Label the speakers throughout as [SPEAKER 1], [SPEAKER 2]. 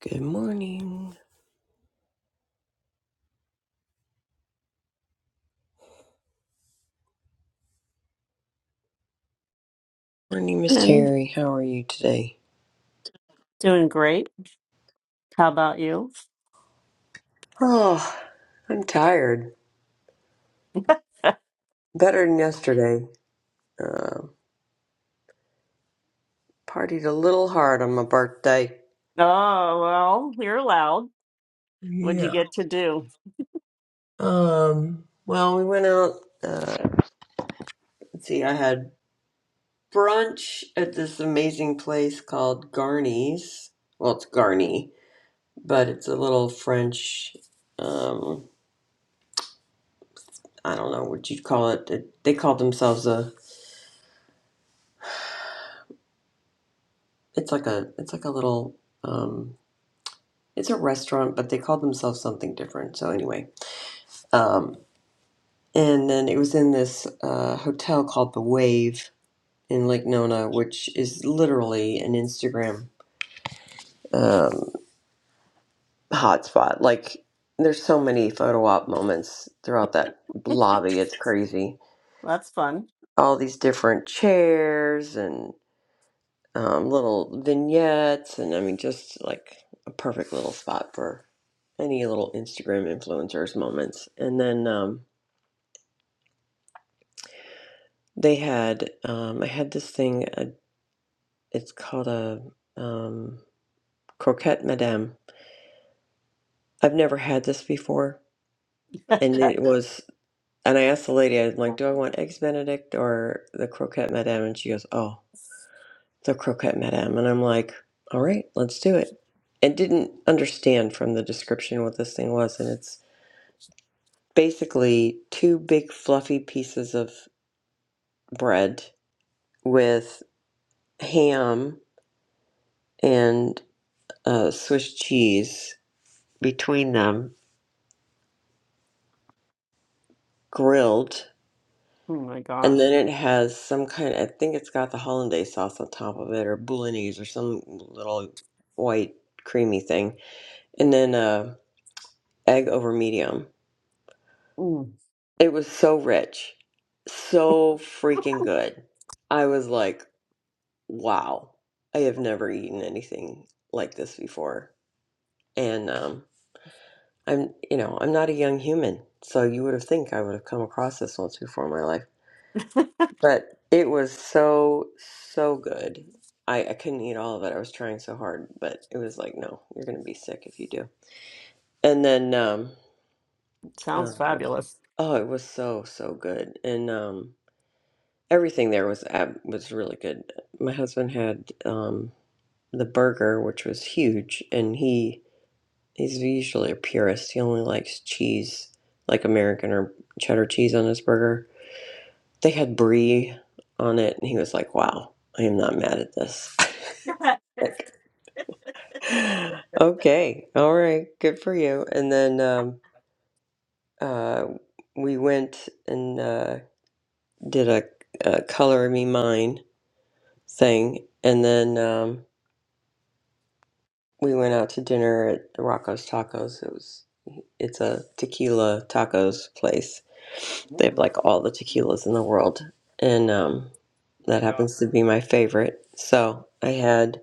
[SPEAKER 1] Good morning. Morning, Miss
[SPEAKER 2] And
[SPEAKER 1] Terry. How are you today?
[SPEAKER 2] doing great. How about you?
[SPEAKER 1] Oh, I'm tired. Better than yesterday. Uh, partied a little hard on my birthday.
[SPEAKER 2] Oh, well, you're loud. What'd you
[SPEAKER 1] Yeah.
[SPEAKER 2] get to do?
[SPEAKER 1] Um. Well, we went out. Uh, let's see. I had brunch at this amazing place called Garney's. Well, it's Garney, but it's a little French. Um. I don't know what you'd call it. They they call themselves a. It's like a. It's like a little. Um, it's a restaurant, but they called themselves something different. So anyway, um, and then it was in this uh, hotel called the Wave in Lake Nona, which is literally an Instagram um, hotspot. Like there's so many photo op moments throughout that lobby. It's crazy.
[SPEAKER 2] That's fun.
[SPEAKER 1] All these different chairs and um, little vignettes, and I mean, just like a perfect little spot for any little Instagram influencers moments. And then. Um, They had um, I had this thing. Uh, it's called a um, croquette madame. I've never had this before, and
[SPEAKER 2] Uh,
[SPEAKER 1] it was. And I asked the lady, I'm
[SPEAKER 2] Oh
[SPEAKER 1] like, "Do I want eggs Benedict or the croquette madame?" And she goes, "Oh, the croquette madame." And I'm like, "All right, let's do it." And didn't understand from the description what this thing was, and it's basically two big fluffy pieces of bread with ham and uh, Swiss cheese between them, grilled,
[SPEAKER 2] my
[SPEAKER 1] and
[SPEAKER 2] gosh.
[SPEAKER 1] then it has some kind. I think it's got the hollandaise sauce on top of it, or bolognese, or some little white creamy thing, and then uh, egg over medium.
[SPEAKER 2] Mm,
[SPEAKER 1] It was so rich, so freaking good. I was like, wow, I have never eaten anything like this before, and um, I'm, you know, I'm not a young human, so you would have think I would have come across this once before in my life but it was so so good. I, I couldn't eat all of it. I was trying so hard, but it was like, no, you're gonna be sick if you do. And then, um,
[SPEAKER 2] sounds
[SPEAKER 1] uh,
[SPEAKER 2] fabulous.
[SPEAKER 1] oh, it was so so good, and um, everything there was ab- was really good. My husband had um the burger, which was huge, and he he's usually a purist. He only likes cheese, like American or cheddar cheese on his burger. They had brie on it, and he was like, wow, I am not mad at this. Okay. All right. Good for you. And then um, uh, we went and uh, did a, a Color Me Mine thing. And then um, we went out to dinner at Rocco's Tacos. It was it's a tequila tacos place. They have
[SPEAKER 2] Oh
[SPEAKER 1] like all the tequilas in the world. And um,
[SPEAKER 2] my
[SPEAKER 1] that
[SPEAKER 2] God.
[SPEAKER 1] happens to be my favorite. So I had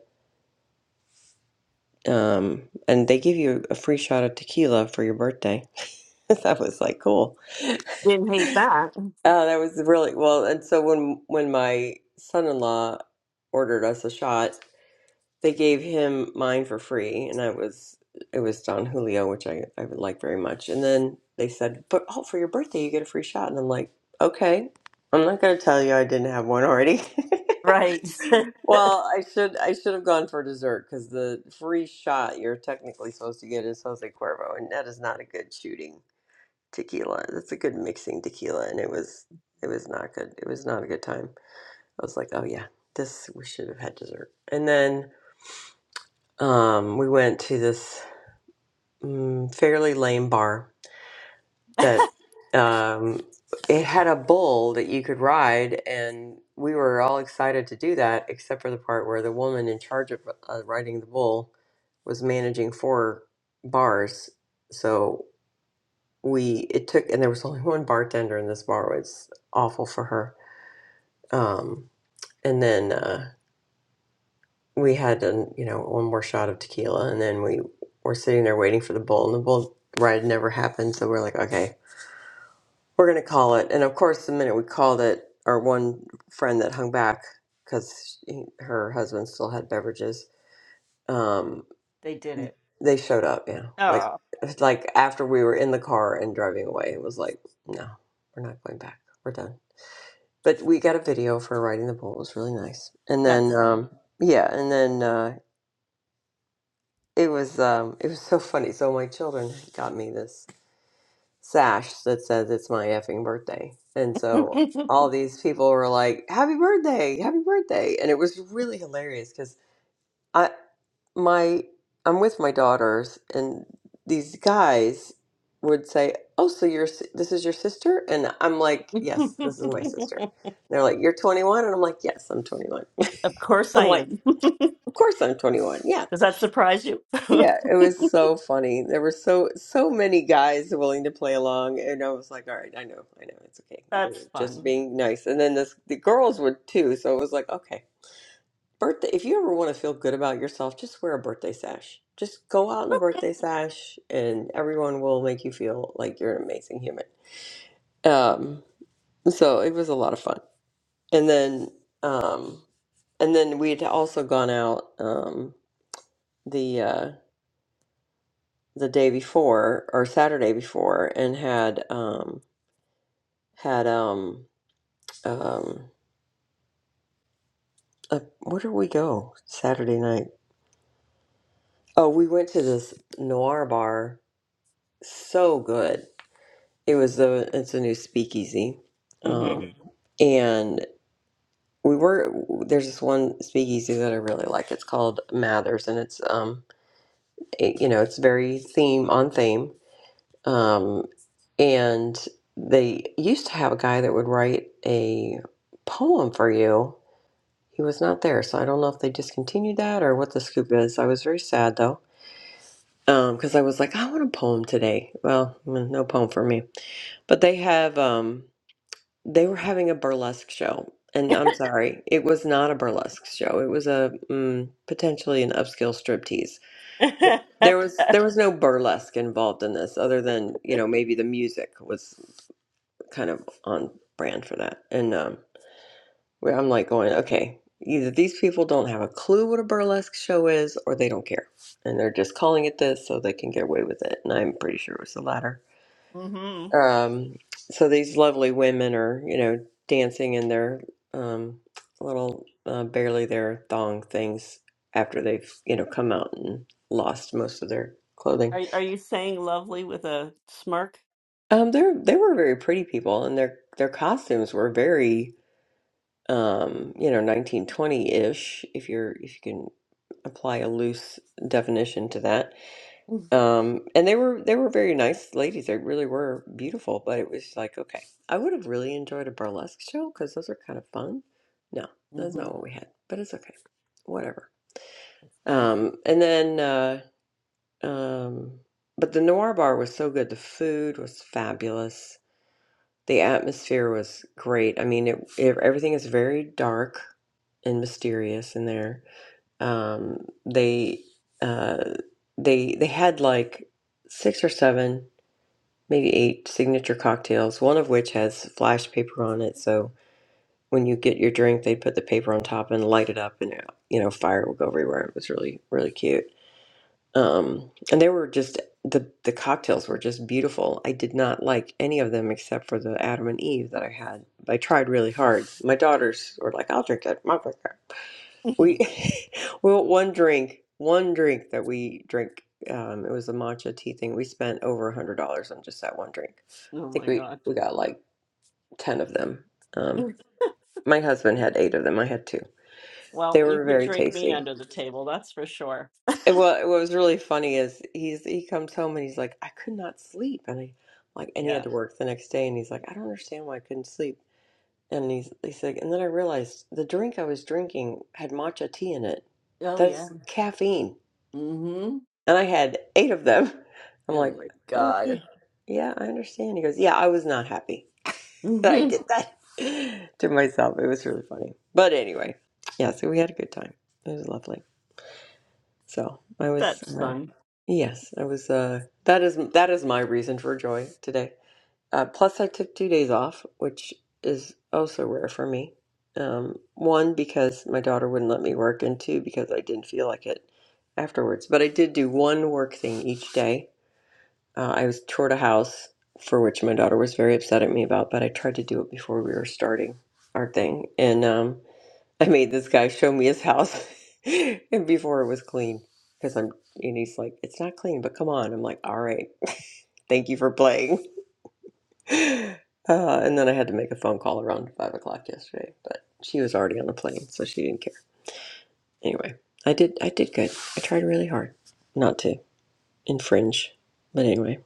[SPEAKER 1] um, and they give you a free shot of tequila for your birthday. That was like cool.
[SPEAKER 2] Didn't hate that.
[SPEAKER 1] Oh, that was really well. And so when when my son-in-law ordered us a shot, they gave him mine for free, and I was it was Don Julio, which I I would like very much. And then they said, "But oh, for your birthday, you get a free shot." And I'm like, "Okay, I'm not going to tell you I didn't have one already."
[SPEAKER 2] Right.
[SPEAKER 1] Well, I should I should have gone for dessert because the free shot you're technically supposed to get is Jose Cuervo, and that is not a good shooting tequila. That's a good mixing tequila, and it was it was not good. It was not a good time. I was like, oh yeah, this we should have had dessert. And then um, we went to this mm, fairly lame bar that um, it had a bull that you could ride, and we were all excited to do that, except for the part where the woman in charge of uh, riding the bull was managing four bars. So. we it took and there was only one bartender in this bar it was awful for her um and then uh we had an, you know one more shot of tequila and then we were sitting there waiting for the bull and the bull ride never happened so we're like okay we're gonna call it and of course the minute we called it our one friend that hung back because her husband still had beverages um
[SPEAKER 2] They did it.
[SPEAKER 1] they showed up yeah like
[SPEAKER 2] Oh,
[SPEAKER 1] like after we were in the car and driving away it was like no we're not going back we're done but we got a video for riding the bull. It was really nice. And
[SPEAKER 2] that's
[SPEAKER 1] then,
[SPEAKER 2] fun.
[SPEAKER 1] um, yeah, and then uh, it was um, it was so funny. So my children got me this sash that says it's my effing birthday, and so all these people were like, "Happy birthday! Happy birthday!" And it was really hilarious because I my I'm with my daughters, and these guys would say, "Oh, so you're s- this is your sister?" And I'm like, "Yes, this is my sister." And they're like, "You're 21," and I'm like, "Yes, I'm 21."
[SPEAKER 2] Of course I
[SPEAKER 1] I'm like,
[SPEAKER 2] am.
[SPEAKER 1] of course I'm 21. Yeah.
[SPEAKER 2] Does that surprise you?
[SPEAKER 1] Yeah, it was so funny. There were so so many guys willing to play along, and I was like, "All right, I know, I know, it's okay. You're
[SPEAKER 2] That's
[SPEAKER 1] just
[SPEAKER 2] fun.
[SPEAKER 1] being nice." And then this, the girls would too, so it was like, "Okay, birthday. If you ever want to feel good about yourself, just wear a birthday sash. Just go out in a birthday sash, and everyone will make you feel like you're an amazing human." Um, so it was a lot of fun. And then, um, and then we had also gone out. Um, The uh, the day before or Saturday before and had um had um um uh, where did we go Saturday night? Oh, we went to this noir bar. So good. It was the it's a new speakeasy. Um
[SPEAKER 2] hmm
[SPEAKER 1] hmm and we were there's this one speakeasy that I really like. It's called Mathers and it's um it, you know, it's very theme on theme Um, and they used to have a guy that would write a poem for you. He was not there, so I don't know if they discontinued that or what the scoop is. I was very sad though, because I was like, I want a poem today. Well, mm, no poem for me. But they have, um, they were having a burlesque show, and I'm sorry, it was not a burlesque show. It was a mm, potentially an upscale striptease. There was there was no burlesque involved in this, other than you know maybe the music was. kind of on brand for that. And um, where I'm like going, okay, either these people don't have a clue what a burlesque show is, or they don't care, and they're just calling it this so they can get away with it. And I'm pretty sure it was the latter.
[SPEAKER 2] hmm
[SPEAKER 1] Um, so these lovely women are, you know, dancing in their um, little uh, barely their thong things after they've, you know, come out and lost most of their clothing.
[SPEAKER 2] Are are you saying lovely with a smirk?
[SPEAKER 1] Um, they're they were very pretty people, and their their costumes were very um, you know, 1920-ish, if you're if you can apply a loose definition to that. Um, and they were they were very nice ladies. They really were beautiful, but it was like, okay, I would have really enjoyed a burlesque show because those are kind of fun. No, that's
[SPEAKER 2] Mm-hmm.
[SPEAKER 1] not what we had, but it's okay, whatever.
[SPEAKER 2] That's funny.
[SPEAKER 1] Um, and then, uh, um, but the Noir Bar was so good. The food was fabulous the atmosphere was great. I mean, it, it everything is very dark and mysterious in there. Um, they uh, they they had like six or seven, maybe eight signature cocktails. One of which has flash paper on it, so when you get your drink, they put the paper on top and light it up, and uh, you know fire will go everywhere. It was really really cute um, and they were just the the cocktails were just beautiful. I did not like any of them except for the Adam and Eve that I had. I tried really hard. My daughters were like, "I'll drink that." I'll drink that." We well one drink, one drink that we drink. Um, it was a matcha tea thing. We spent over a hundred dollars on just that one drink. I
[SPEAKER 2] Oh
[SPEAKER 1] think
[SPEAKER 2] my
[SPEAKER 1] we
[SPEAKER 2] God.
[SPEAKER 1] we got like ten of them. Um, my husband had eight of them. I had two.
[SPEAKER 2] Well,
[SPEAKER 1] They
[SPEAKER 2] you
[SPEAKER 1] were
[SPEAKER 2] could
[SPEAKER 1] very
[SPEAKER 2] drink me
[SPEAKER 1] tasty.
[SPEAKER 2] under the table, that's for sure.
[SPEAKER 1] And what what was really funny is he's he comes home and he's like, I could not sleep, and I like, and he
[SPEAKER 2] Yeah,
[SPEAKER 1] had to work the next day, and he's like, I don't understand why I couldn't sleep, and he's he's like, and then I realized the drink I was drinking had matcha tea in it,
[SPEAKER 2] Oh yeah.
[SPEAKER 1] that's caffeine,
[SPEAKER 2] Mm-hmm.
[SPEAKER 1] and I had eight of them. I'm
[SPEAKER 2] Oh
[SPEAKER 1] like,
[SPEAKER 2] my
[SPEAKER 1] okay,
[SPEAKER 2] God.
[SPEAKER 1] yeah, I understand. He goes, yeah, I was not happy that I
[SPEAKER 2] hmm
[SPEAKER 1] did that to myself. It was really funny, but anyway, yeah, so we had a good time. It was lovely. So I was,
[SPEAKER 2] that's
[SPEAKER 1] uh,
[SPEAKER 2] fun.
[SPEAKER 1] yes, I was. Uh, that is that is my reason for joy today. Uh, plus, I took two days off, which is also rare for me. Um, one because my daughter wouldn't let me work, and two because I didn't feel like it afterwards. But I did do one work thing each day. Uh, I was toured a house for which my daughter was very upset at me about, but I tried to do it before we were starting our thing, and um, I made this guy show me his house and before it was clean because I'm and he's like, it's not clean, but come on. I'm like, all right, thank you for playing. Uh, and then I had to make a phone call around five o'clock yesterday, but she was already on the plane, so she didn't care. Anyway, I did I did good. I tried really hard not to infringe, but anyway,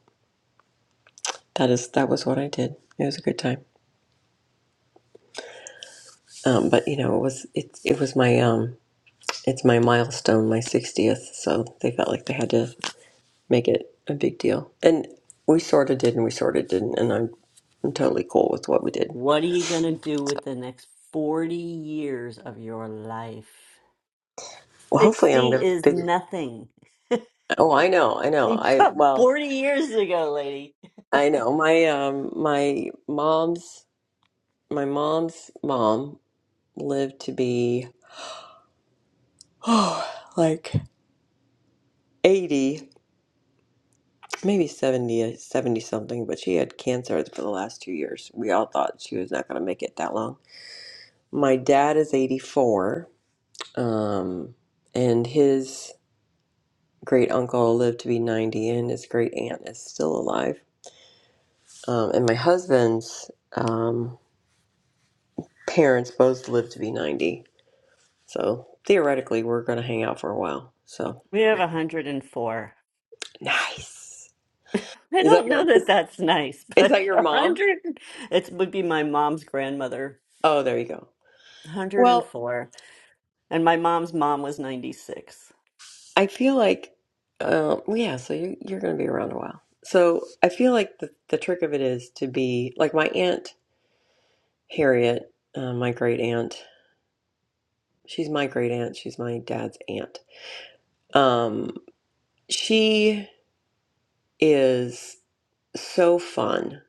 [SPEAKER 1] that is that was what I did. It was a good time. Um, but you know, it was it it was my um it's my milestone, my sixtieth, so they felt like they had to make it a big deal. And we sort of did, and we sort of didn't. And I'm I'm totally cool with what we did.
[SPEAKER 2] What are you gonna do with the next 40 years of your life?
[SPEAKER 1] Well, hopefully, I'm
[SPEAKER 2] 60
[SPEAKER 1] gonna
[SPEAKER 2] is
[SPEAKER 1] figure.
[SPEAKER 2] nothing.
[SPEAKER 1] Oh, I know, I know.
[SPEAKER 2] You
[SPEAKER 1] I
[SPEAKER 2] got
[SPEAKER 1] well,
[SPEAKER 2] 40 years ago, lady.
[SPEAKER 1] I know. My um, my mom's my mom's mom lived to be oh, like eighty, maybe 70 70 something. But she had cancer for the last two years. We all thought she was not gonna make it that long. My dad is eighty four. Um, and his great uncle lived to be 90 and his great aunt is still alive um, and my husband's um, parents both lived to be 90 so theoretically we're going to hang out for a while so
[SPEAKER 2] We have 104.
[SPEAKER 1] nice
[SPEAKER 2] I
[SPEAKER 1] is that
[SPEAKER 2] don't know
[SPEAKER 1] your is,
[SPEAKER 2] that that's nice,
[SPEAKER 1] is
[SPEAKER 2] but
[SPEAKER 1] that your
[SPEAKER 2] a
[SPEAKER 1] mom
[SPEAKER 2] 100, it would be my mom's grandmother,
[SPEAKER 1] oh there you go
[SPEAKER 2] 104. And
[SPEAKER 1] well
[SPEAKER 2] four. And my mom's mom was 96.
[SPEAKER 1] i feel like um, well, yeah so you, you're going to be around a while so i feel like the, the trick of it is to be like my aunt harriet uh, my great aunt she's my great aunt she's my dad's aunt Um, She is so fun.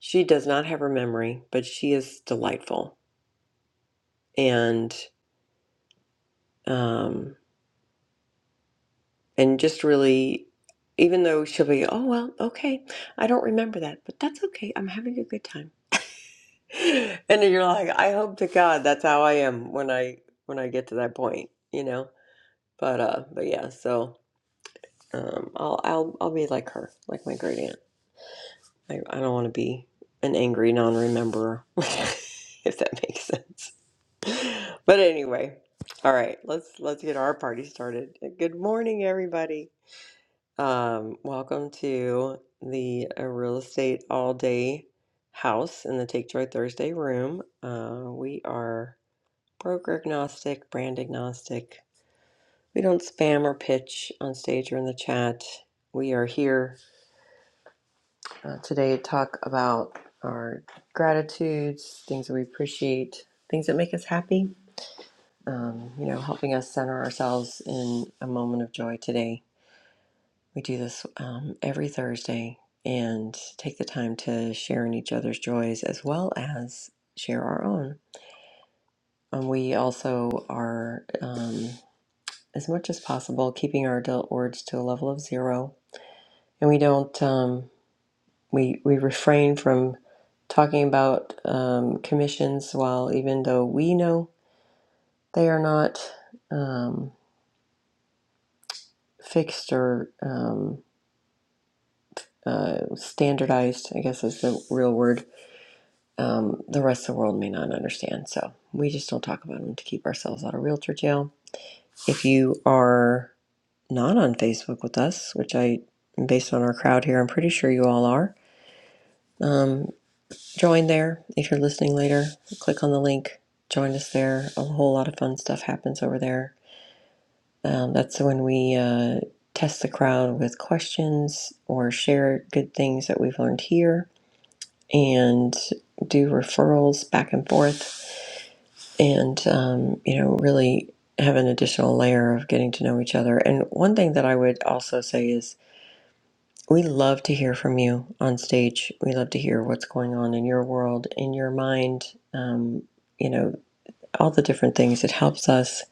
[SPEAKER 1] She does not have her memory, but she is delightful and um and just really even though she'll be, oh well, okay, I don't remember that, but that's okay. I'm having a good time. And you're like, I hope to God that's how I am when I when I get to that point, you know? But uh but yeah, so um I'll I'll I'll be like her, like my great aunt. I, I don't want to be an angry non-rememberer, if that makes sense. But anyway, all right, let's let's get our party started. Good morning, everybody. Um, welcome to the uh, real estate all day house in the Take Joy Thursday room. Uh, we are broker agnostic, brand agnostic. We don't spam or pitch on stage or in the chat. We are here Uh, today, talk about our gratitudes, things that we appreciate, things that make us happy. Um, you know, helping us center ourselves in a moment of joy today. We do this um, every Thursday and take the time to share in each other's joys as well as share our own. And we also are, um, as much as possible, keeping our adult words to a level of zero. And we don't. Um, We we refrain from talking about um, commissions while even though we know they are not um, fixed or um, uh, standardized, I guess is the real word. Um, the rest of the world may not understand, so we just don't talk about them to keep ourselves out of realtor jail. If you are not on Facebook with us, which I, based on our crowd here, I'm pretty sure you all are, um, join there if you're listening later. Click on the link, join us there. A whole lot of fun stuff happens over there. Um, that's when we uh, test the crowd with questions or share good things that we've learned here and do referrals back and forth and, um, you know, really have an additional layer of getting to know each other. And one thing that I would also say is We love to hear from you on stage. We love to hear what's going on in your world, in your mind, um, you know, all the different things. It helps us,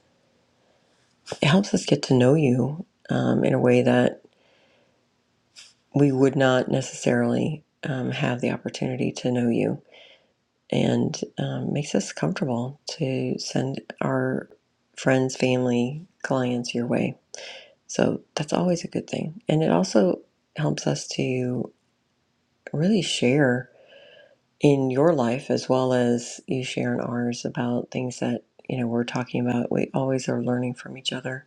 [SPEAKER 1] it helps us get to know you um, in a way that we would not necessarily um, have the opportunity to know you and um, makes us comfortable to send our friends, family, clients your way. So that's always a good thing. And it also helps us to really share in your life as well as you share in ours about things that you know we're talking about we always are learning from each other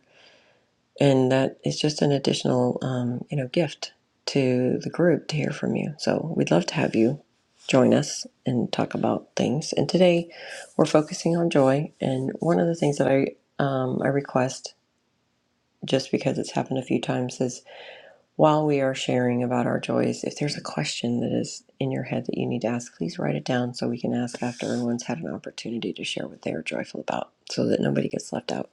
[SPEAKER 1] and that is just an additional um, you know gift to the group to hear from you so we'd love to have you join us and talk about things and today we're focusing on joy and one of the things that i um, i request just because it's happened a few times is. While we are sharing about our joys, if there's a question that is in your head that you need to ask, please write it down so we can ask after everyone's had an opportunity to share what they are joyful about so that nobody gets left out.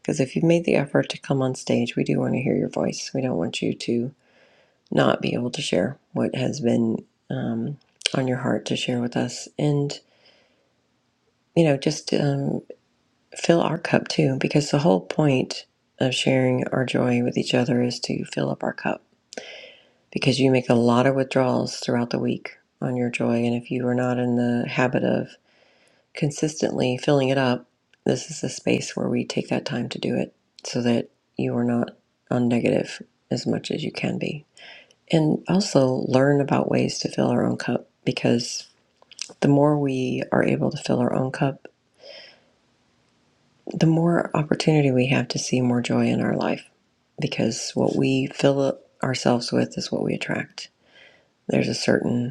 [SPEAKER 1] Because if you've made the effort to come on stage, we do want to hear your voice. We don't want you to not be able to share what has been um, on your heart to share with us. And, you know, just um, fill our cup too, because the whole point of sharing our joy with each other is to fill up our cup because you make a lot of withdrawals throughout the week on your joy. And if you are not in the habit of consistently filling it up, this is a space where we take that time to do it so that you are not on negative as much as you can be. And also learn about ways to fill our own cup because the more we are able to fill our own cup, the more opportunity we have to see more joy in our life because what we fill up ourselves with is what we attract. There's a certain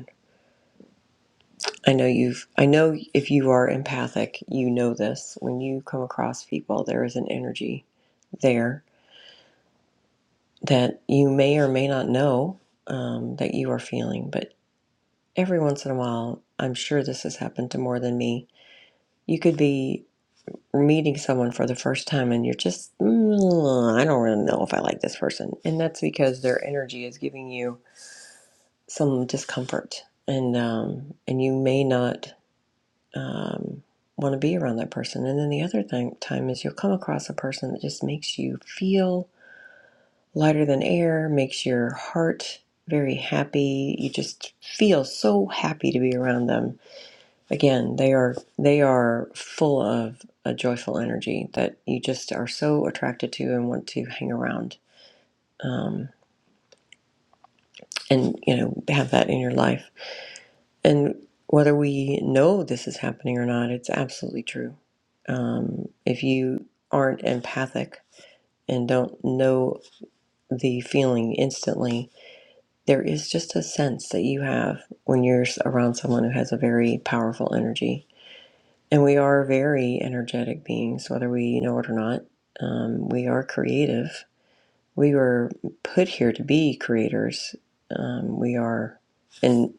[SPEAKER 1] I know you've, I know if you are empathic, you know this. When you come across people, there is an energy there that you may or may not know um, that you are feeling. But every once in a while, I'm sure this has happened to more than me. You could be meeting someone for the first time and you're just, mm, I don't really know if I like this person. And that's because their energy is giving you some discomfort. And, um, and you may not um, want to be around that person. And then the other thing, time is you'll come across a person that just makes you feel lighter than air, makes your heart very happy. You just feel so happy to be around them. Again, they are they are full of a joyful energy that you just are so attracted to and want to hang around. Um, and you know have that in your life And whether we know this is happening or not, it's absolutely true. Um, if you aren't empathic and don't know the feeling instantly, there is just a sense that you have when you're s- around someone who has a very powerful energy. And we are very energetic beings, whether we know it or not. Um, we are creative. We were put here to be creators. Um, we are, and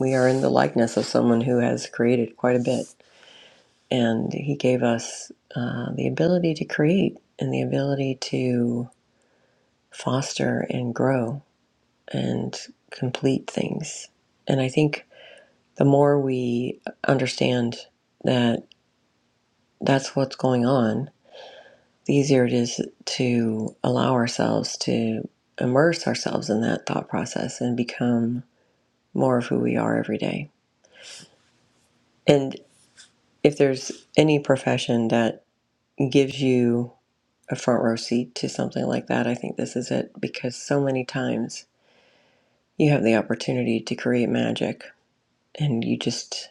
[SPEAKER 1] we are in the likeness of someone who has created quite a bit And He gave us uh, the ability to create and the ability to foster and grow and complete things. And I think the more we understand that that's what's going on, the easier it is to allow ourselves to immerse ourselves in that thought process and become more of who we are every day. And if there's any profession that gives you a front row seat to something like that. I think this is it because so many times you have the opportunity to create magic and you just,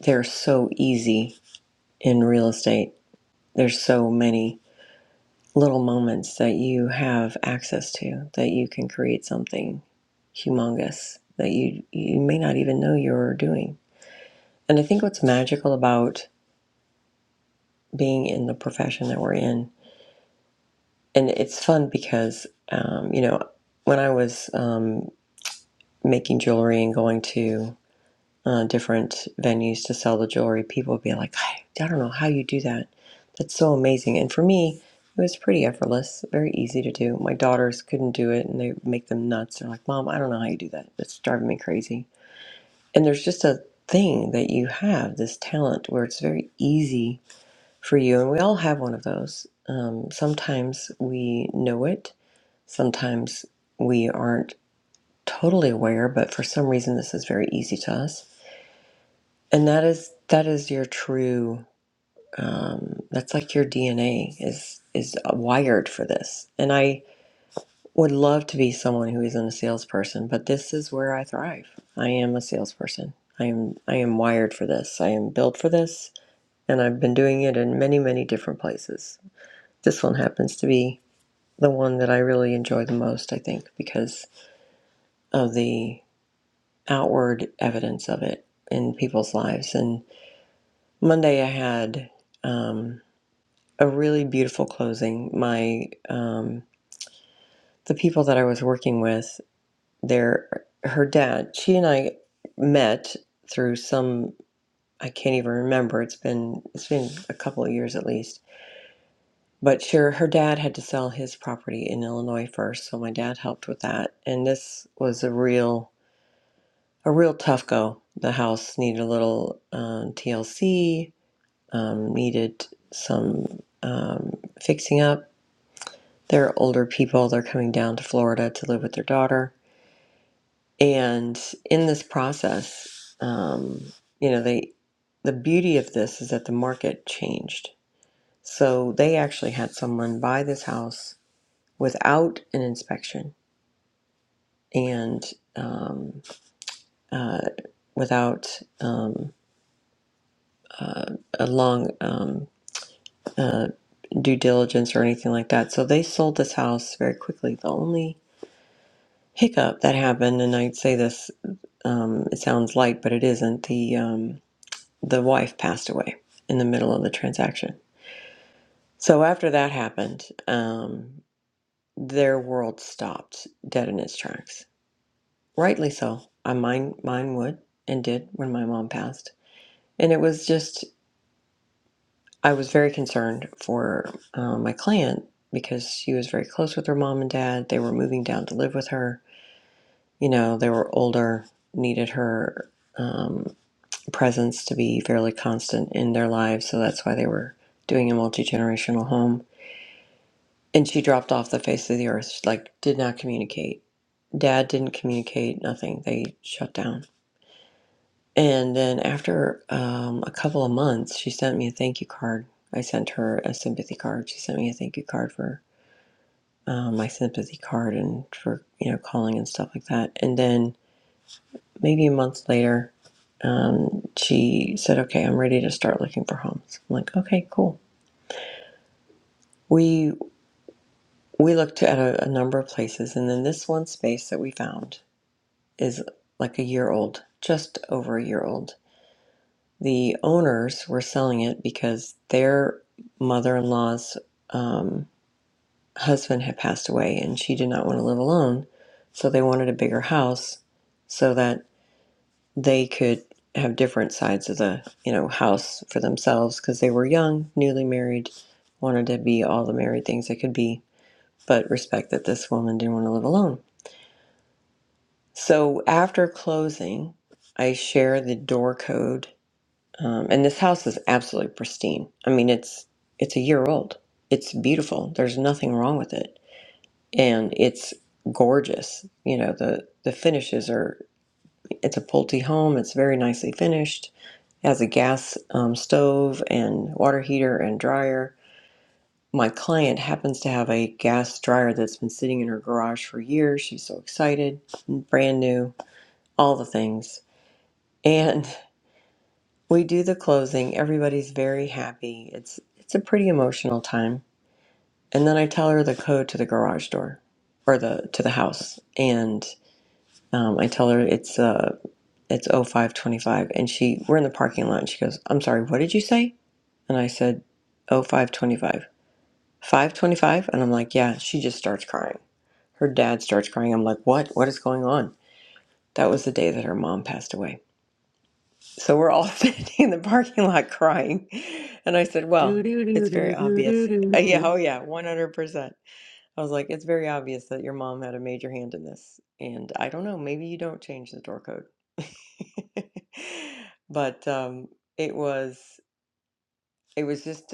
[SPEAKER 1] they're so easy in real estate. There's so many little moments that you have access to that you can create something humongous that you, you may not even know you're doing. And I think what's magical about being in the profession that we're in, and it's fun because, um, you know, when I was um, making jewelry and going to uh, different venues to sell the jewelry, people would be like, I, I don't know how you do that. That's so amazing. And for me, it was pretty effortless, very easy to do. My daughters couldn't do it and they make them nuts. They're like, Mom, I don't know how you do that. That's driving me crazy. And there's just a thing that you have, this talent where it's very easy for you. And we all have one of those. Um, sometimes we know it, sometimes we aren't totally aware, but for some reason this is very easy to us. And that is that is your true. Um, that's like your DNA is is wired for this. And I would love to be someone who isn't a salesperson, but this is where I thrive. I am a salesperson. I am I am wired for this. I am built for this, and I've been doing it in many many different places. This one happens to be the one that I really enjoy the most. I think because of the outward evidence of it in people's lives. And Monday, I had um, a really beautiful closing. My um, the people that I was working with, their her dad, she and I met through some I can't even remember. It's been it's been a couple of years at least. But sure, her dad had to sell his property in Illinois first, so my dad helped with that. And this was a real a real tough go. The house needed a little um, TLC um, needed some um, fixing up. They're older people, they're coming down to Florida to live with their daughter. And in this process, um, you know, they, the beauty of this is that the market changed. So they actually had someone buy this house without an inspection and um, uh, without um, uh, a long um, uh, due diligence or anything like that. So they sold this house very quickly. The only hiccup that happened, and I'd say this, um, it sounds light, but it isn't. The um, the wife passed away in the middle of the transaction. So after that happened, um, their world stopped dead in its tracks. Rightly so. I mine mine would and did when my mom passed, and it was just I was very concerned for uh, my client because she was very close with her mom and dad. They were moving down to live with her. You know, they were older, needed her um, presence to be fairly constant in their lives. So that's why they were doing a multi generational home. And she dropped off the face of the earth. She, like, did not communicate. Dad didn't communicate, nothing. They shut down. And then after um, a couple of months, she sent me a thank you card. I sent her a sympathy card. She sent me a thank you card for um, my sympathy card and for you know calling and stuff like that. And then maybe a month later, um, she said, "Okay, I'm ready to start looking for homes." I'm like, "Okay, cool." We we looked at a, a number of places, and then this one space that we found is like a year old, just over a year old. The owners were selling it because their mother-in-law's um, husband had passed away, and she did not want to live alone, so they wanted a bigger house so that they could have different sides of the you know house for themselves because they were young newly married wanted to be all the married things they could be but respect that this woman didn't want to live alone so after closing i share the door code um, and this house is absolutely pristine i mean it's it's a year old it's beautiful there's nothing wrong with it and it's gorgeous you know the the finishes are it's a pulte home it's very nicely finished as a gas um, stove and water heater and dryer. My client happens to have a gas dryer that's been sitting in her garage for years. She's so excited, brand new, all the things. And we do the closing. Everybody's very happy. It's it's a pretty emotional time. And then I tell her the code to the garage door or the to the house and um, I tell her it's uh it's 0525 and she we're in the parking lot and she goes, "I'm sorry, what did you say?" And I said, Oh, 525. 525? And I'm like, Yeah. She just starts crying. Her dad starts crying. I'm like, What? What is going on? That was the day that her mom passed away. So we're all sitting in the parking lot crying. And I said,
[SPEAKER 2] Do,
[SPEAKER 1] Well,
[SPEAKER 2] do, do,
[SPEAKER 1] it's
[SPEAKER 2] do,
[SPEAKER 1] very
[SPEAKER 2] do, do,
[SPEAKER 1] obvious. Uh,
[SPEAKER 2] do,
[SPEAKER 1] Yeah.
[SPEAKER 2] do.
[SPEAKER 1] Oh, yeah. 100%. I was like, It's very obvious that your mom had a major hand in this. And I don't know. Maybe you don't change the door code. but um, it was it was just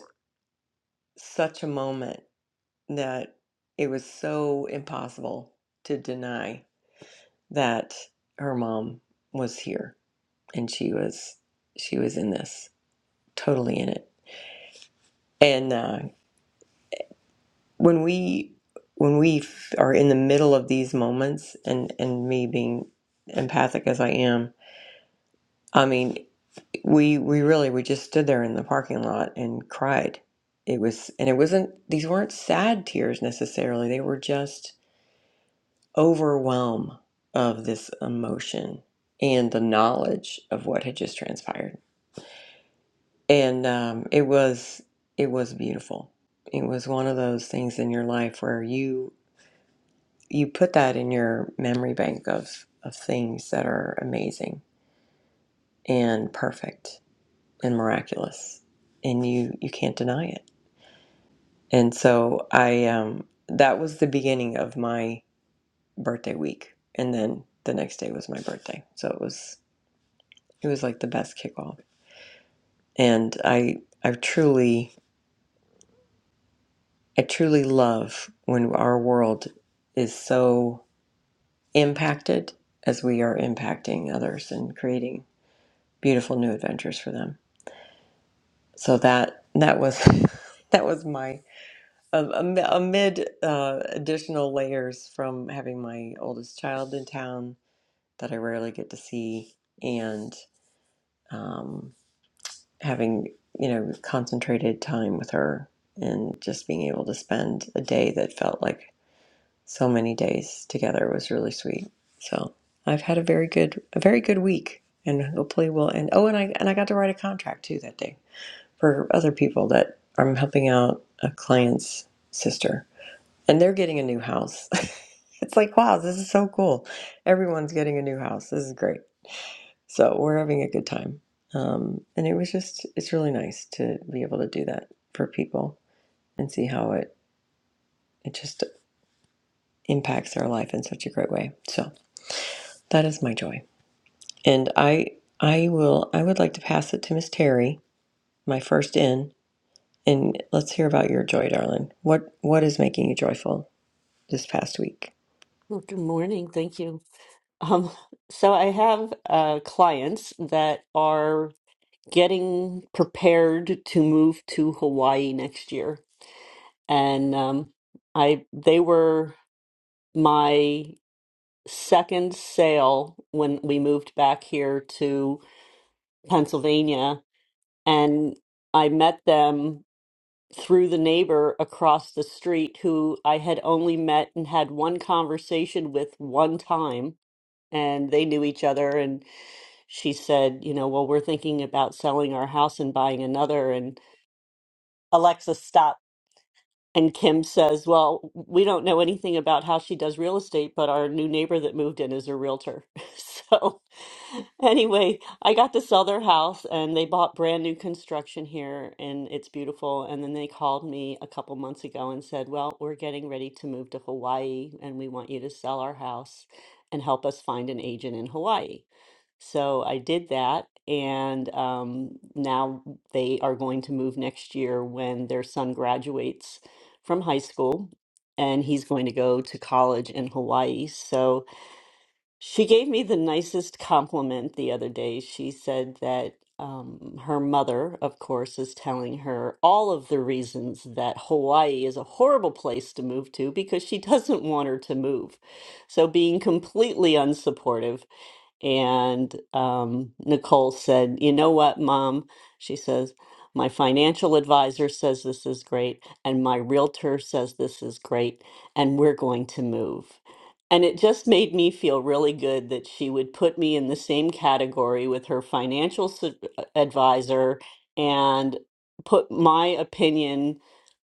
[SPEAKER 1] such a moment that it was so impossible to deny that her mom was here and she was she was in this totally in it and uh, when we when we f- are in the middle of these moments and and me being empathic as i am i mean we we really we just stood there in the parking lot and cried it was and it wasn't these weren't sad tears necessarily they were just overwhelm of this emotion and the knowledge of what had just transpired. And um, it was it was beautiful. It was one of those things in your life where you you put that in your memory bank of of things that are amazing and perfect and miraculous, and you you can't deny it. And so I um, that was the beginning of my birthday week, and then the next day was my birthday. So it was It was like the best kickoff. And I I truly I truly love when our world is so impacted as we are impacting others and creating beautiful new adventures for them. So that that was that was my um, am- amid uh, additional layers from having my oldest child in town that I rarely get to see and um, having you know concentrated time with her and just being able to spend a day that felt like so many days together was really sweet so i've had a very good a very good week and hopefully we'll end. oh and i and i got to write a contract too that day for other people that i'm helping out a client's sister and they're getting a new house it's like wow this is so cool everyone's getting a new house this is great so we're having a good time. Um, and it was just, it's really nice to be able to do that for people and see how it, it just impacts their life in such a great way. So that is my joy. And I, I will, I would like to pass it to Miss Terry, my first in, and let's hear about your joy, darling. What, what is making you joyful this past week?
[SPEAKER 2] Well, good morning. Thank you. Um, so I have uh, clients that are getting prepared to move to Hawaii next year. And um, I they were my second sale when we moved back here to. Pennsylvania, and I met them through the neighbor across the street who I had only met and had one conversation with one time. And they knew each other. And she said, You know, well, we're thinking about selling our house and buying another. And Alexa stopped And Kim says, Well, we don't know anything about how she does real estate, but our new neighbor that moved in is a realtor. So, anyway, I got to sell their house and they bought brand new construction here and it's beautiful. And then they called me a couple months ago and said, Well, we're getting ready to move to Hawaii and we want you to sell our house and help us find an agent in Hawaii. So I did that, and um, now they are going to move next year when their son graduates from high school, and he's going to go to college in Hawaii. So she gave me the nicest compliment the other day. She said that um, her mother, of course, is telling her all of the reasons that Hawaii is a horrible place to move to because she doesn't want her to move. So being completely unsupportive and um, Nicole said, You know what, Mom? She says, My financial advisor says this is great, and my realtor says this is great, and we're going to move. And it just made me feel really good that she would put me in the same category with her financial su- advisor and put my opinion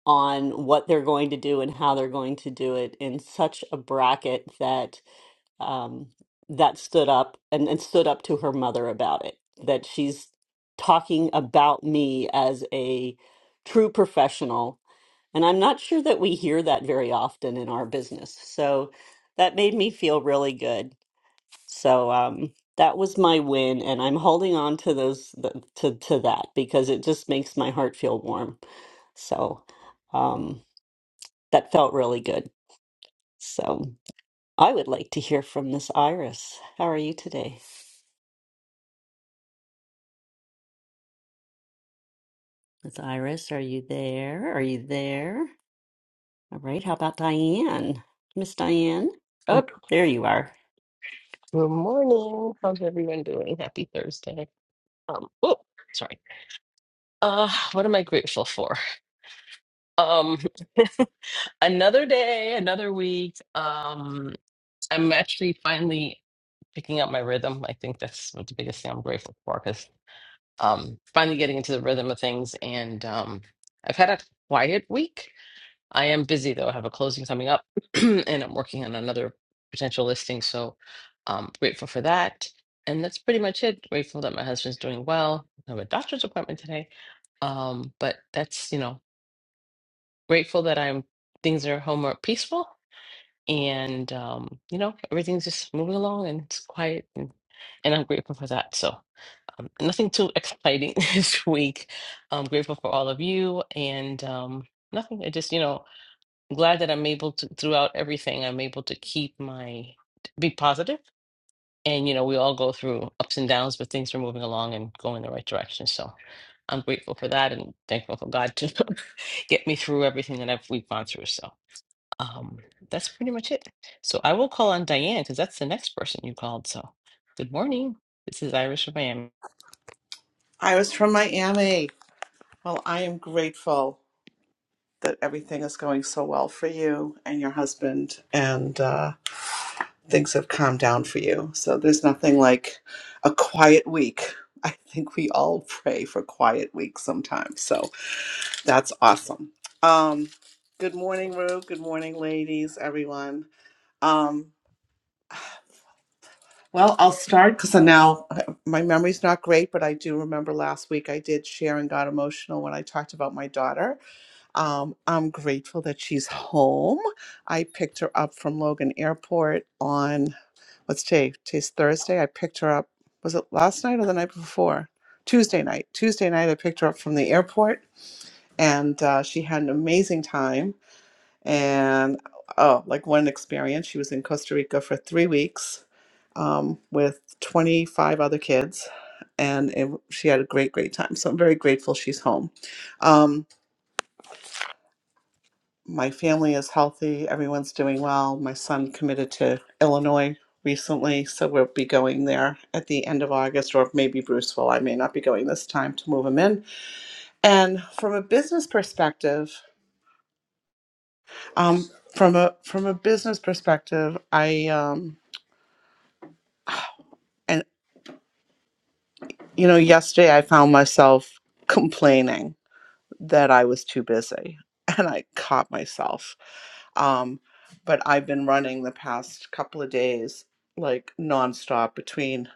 [SPEAKER 2] on what they're going to do and how they're going to do it in such a bracket that um, that stood up and, and stood up to her mother about it, that she's talking about me as a true professional. And I'm not sure that we hear that very often in our business. So that made me feel really good. So um, that was my win, and I'm holding on to those th- to to that because it just makes my heart feel warm. So um, that felt really good. So I would like to hear from Miss Iris. How are you today? Miss Iris, are you there? Are you there? All right. How about Diane? Miss Diane?
[SPEAKER 3] Oh,
[SPEAKER 2] Oh, there you are.
[SPEAKER 3] good morning. How's everyone doing? Happy Thursday. Um, oh, sorry. Uh, what am I grateful for? Um, another day, another week. Um, I'm actually finally picking up my rhythm. I think that's what the biggest thing I'm grateful for because um, finally getting into the rhythm of things. And um, I've had a quiet week. I am busy though. I have a closing coming up and I'm working on another potential listing. So I'm grateful for that. And that's pretty much it. Grateful that my husband's doing well. I have a doctor's appointment today. Um, but that's, you know, grateful that I'm things are home are peaceful and um, you know, everything's just moving along and it's quiet and, and I'm grateful for that. So um, nothing too exciting this week. I'm grateful for all of you and um nothing. I just, you know, I'm glad that I'm able to, throughout everything, I'm able to keep my, be positive. And, you know, we all go through ups and downs, but things are moving along and going the right direction. So I'm grateful for that and thankful for God to get me through everything that I've, we've gone through. So um, that's pretty much it. So I will call on Diane because that's the next person you called. So good morning. This is Iris from Miami.
[SPEAKER 4] I was from Miami. Well, I am grateful that everything is going so well for you and your husband, and uh, things have calmed down for you. So there's nothing like a quiet week. I think we all pray for quiet weeks sometimes. So that's awesome. Um, good morning, Rue. Good morning, ladies, everyone. Um, well, I'll start because now my memory's not great, but I do remember last week I did share and got emotional when I talked about my daughter Um, I'm grateful that she's home. I picked her up from Logan Airport on what's today? Today's Thursday. I picked her up. Was it last night or the night before? Tuesday night. Tuesday night, I picked her up from the airport, and uh, she had an amazing time. And oh, like one experience, she was in Costa Rica for three weeks um, with 25 other kids, and it, she had a great, great time. So I'm very grateful she's home. Um, my family is healthy. Everyone's doing well. My son committed to Illinois recently, so we'll be going there at the end of August, or maybe Bruceville. I may not be going this time to move him in. And from a business perspective, um, from a from a business perspective, I um, and you know, yesterday I found myself complaining that I was too busy and I caught myself. Um, but I've been running the past couple of days like nonstop between,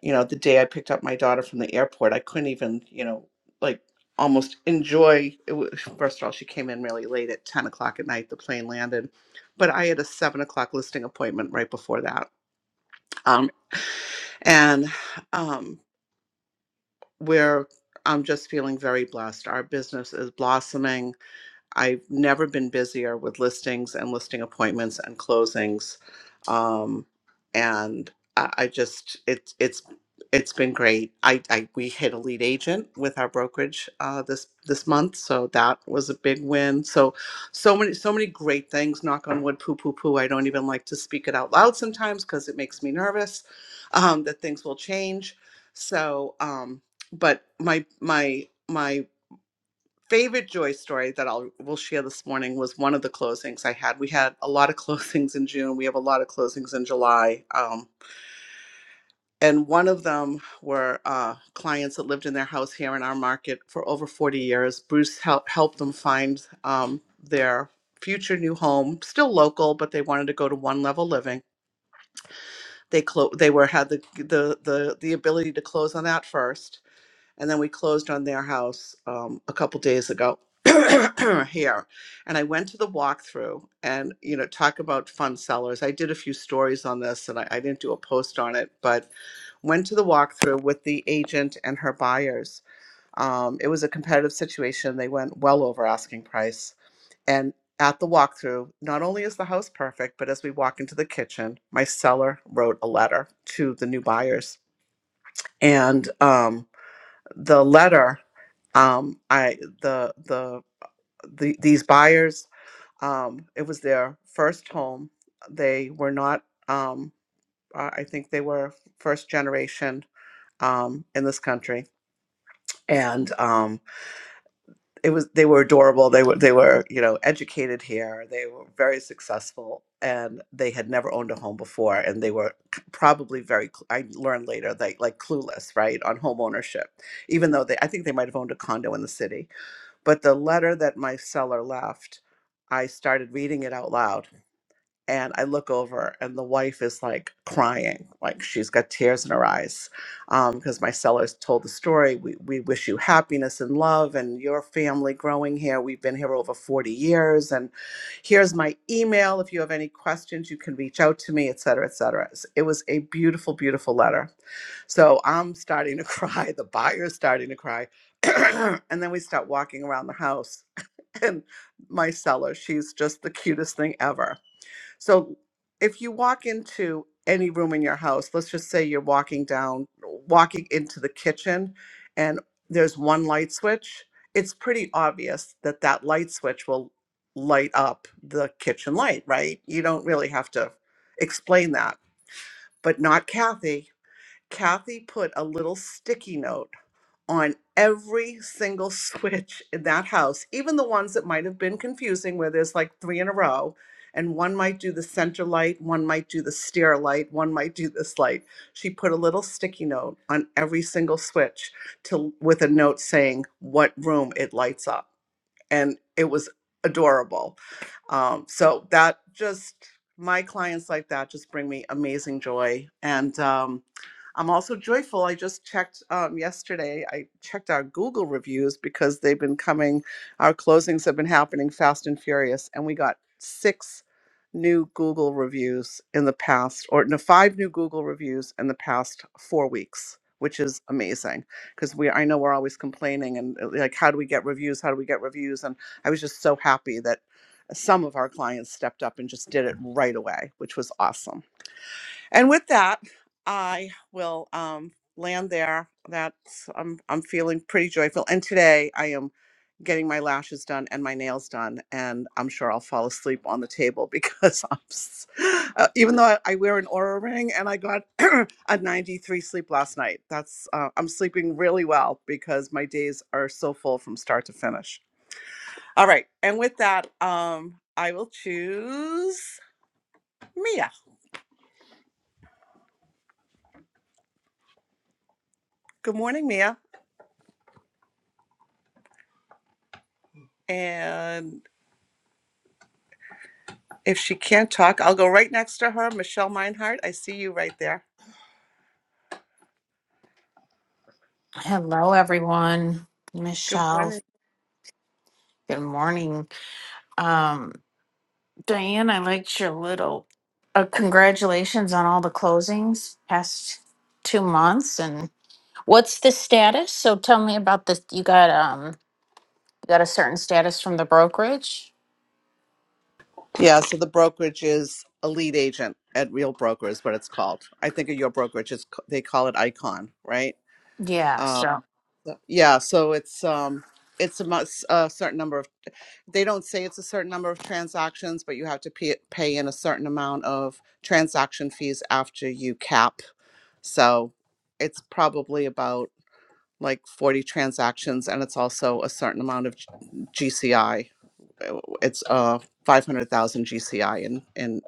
[SPEAKER 4] you know, the day I picked up my daughter from the airport, I couldn't even, you know, like almost enjoy it was, first of all she came in really late at 10 o'clock at night the plane landed but i had a 7 o'clock listing appointment right before that um, and um, we i'm just feeling very blessed our business is blossoming I've never been busier with listings and listing appointments and closings. Um, and I, I just it's it's it's been great. I, I we hit a lead agent with our brokerage uh, this this month, so that was a big win. So so many so many great things. Knock on wood. Poo poo poo. I don't even like to speak it out loud sometimes because it makes me nervous um, that things will change. So um, but my my my favorite joy story that I'll will share this morning was one of the closings I had. We had a lot of closings in June. We have a lot of closings in July. Um, and one of them were uh, clients that lived in their house here in our market for over 40 years. Bruce helped helped them find um, their future new home, still local, but they wanted to go to one level living. They clo- they were had the, the the the ability to close on that first and then we closed on their house um, a couple days ago here and i went to the walkthrough and you know talk about fun sellers i did a few stories on this and i, I didn't do a post on it but went to the walkthrough with the agent and her buyers um, it was a competitive situation they went well over asking price and at the walkthrough not only is the house perfect but as we walk into the kitchen my seller wrote a letter to the new buyers and um, the letter um i the the, the these buyers um it was their first home they were not um i I think they were first generation um in this country and um it was they were adorable they were they were you know educated here they were very successful and they had never owned a home before and they were c- probably very cl- i learned later they like clueless right on home ownership even though they i think they might have owned a condo in the city But the letter that my seller left, I started reading it out loud. And I look over, and the wife is like crying, like she's got tears in her eyes. Because my sellers told the story. We, we wish you happiness and love and your family growing here. We've been here over 40 years. And here's my email. If you have any questions, you can reach out to me, et cetera, et cetera. It was a beautiful, beautiful letter so I'm starting to cry. The buyer's starting to cry. and then we start walking around the house. And my seller, she's just the cutest thing ever. So if you walk into any room in your house, let's just say you're walking down, walking into the kitchen, and there's one light switch, it's pretty obvious that that light switch will light up the kitchen light, right? You don't really have to explain that. But not Kathy. Kathy put a little sticky note on every single switch in that house, even the ones that might have been confusing, where there's like three in a row, and one might do the center light, one might do the stair light, one might do this light. She put a little sticky note on every single switch to with a note saying what room it lights up, and it was adorable um, so that just my clients like that just bring me amazing joy, and um, I'm also joyful. I just checked um, yesterday. I checked our Google reviews because they've been coming. Our closings have been happening fast and furious, and we got six new Google reviews in the past, or no, five new Google reviews in the past four weeks. Which is amazing because we I know we're always complaining and uh, like how do we get reviews? How do we get reviews? And I was just so happy that some of our clients stepped up and just did it right away, which was awesome. And with that, I will um, land there. That's I'm I'm feeling pretty joyful. And today I am getting my lashes done and my nails done, and I'm sure I'll fall asleep on the table because I'm s- uh, even though I, I wear an aura ring and I got a 93 sleep last night. That's uh, I'm sleeping really well because my days are so full from start to finish. All right. And with that, um, I will choose Mia. Good morning, Mia. And if she can't talk, I'll go right next to her. Michelle Meinhardt, I see you right there.
[SPEAKER 5] Hello, everyone.
[SPEAKER 4] Good
[SPEAKER 5] Michelle,
[SPEAKER 4] morning.
[SPEAKER 5] good morning. Um, Diane, I liked your little uh, congratulations on all the closings past two months. And what's the status? So tell me about this. You got um, you got a certain status from the brokerage.
[SPEAKER 4] Yeah, so the brokerage is a lead agent at Real Broker is what it's called. I think at your brokerage is they call it Icon, right?
[SPEAKER 5] Yeah,
[SPEAKER 4] Uh,
[SPEAKER 5] so
[SPEAKER 4] yeah, so it's um it's a, mu- s- a certain number of. they don't say it's a certain number of transactions, but you have to pay, pay in a certain amount of transaction fees after you cap. So it's probably about like 40 transactions, and it's also a certain amount of G- GCI. Uh, It's uh 500,000 GCI and and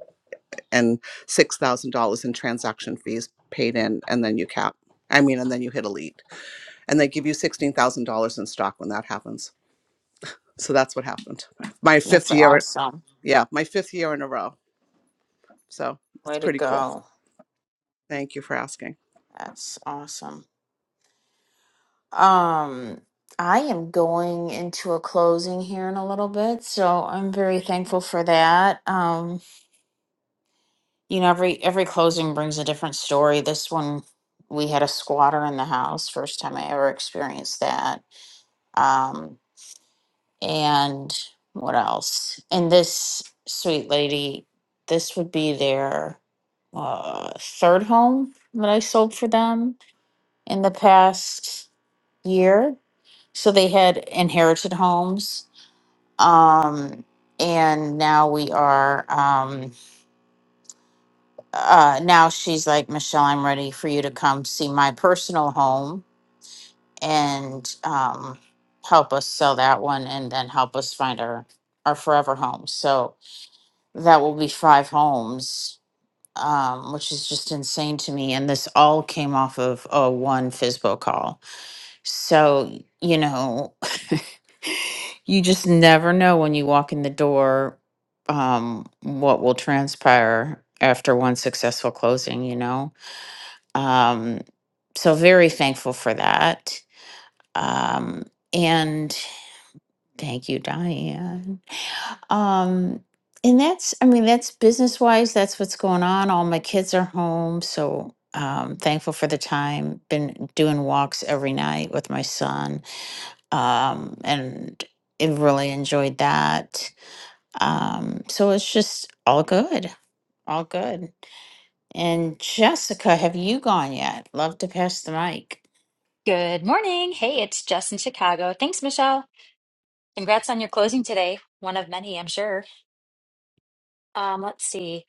[SPEAKER 4] and $6,000 in transaction fees paid in, and then you cap. I mean, and then you hit elite, and they give you $16,000 in stock when that happens. So that's what happened. My
[SPEAKER 5] that's
[SPEAKER 4] fifth year.
[SPEAKER 5] awesome.
[SPEAKER 4] yeah, my fifth year in a row. So it's
[SPEAKER 5] Way to
[SPEAKER 4] pretty cool.
[SPEAKER 5] go.
[SPEAKER 4] Thank you for asking.
[SPEAKER 5] That's awesome. Um, I am going into a closing here in a little bit, so I'm very thankful for that. Um, You know, every every closing brings a different story. This one, we had a squatter in the house. First time I ever experienced that. Um, and what else? And this sweet lady, this would be their uh, third home that I sold for them in the past year. So they had inherited homes. Um, and now we are. Um, uh, now she's like, Michelle, I'm ready for you to come see my personal home and um, help us sell that one and then help us find our, our forever home. So that will be five homes, um, which is just insane to me. And this all came off of a one FISBO call. So, you know, you just never know when you walk in the door um, what will transpire after one successful closing, you know? Um, so very thankful for that. Um, and thank you, Diane. Um, and that's, I mean, that's business wise, that's what's going on. All my kids are home. So um, thankful for the time. Been doing walks every night with my son. Um, and I really enjoyed that. Um, so it's just all good. All good. And Jessica, have you gone yet? Love to pass the mic.
[SPEAKER 6] Good morning. Hey, it's Jess in Chicago. Thanks, Michelle. Congrats on your closing today. One of many, I'm sure. Um, let's see.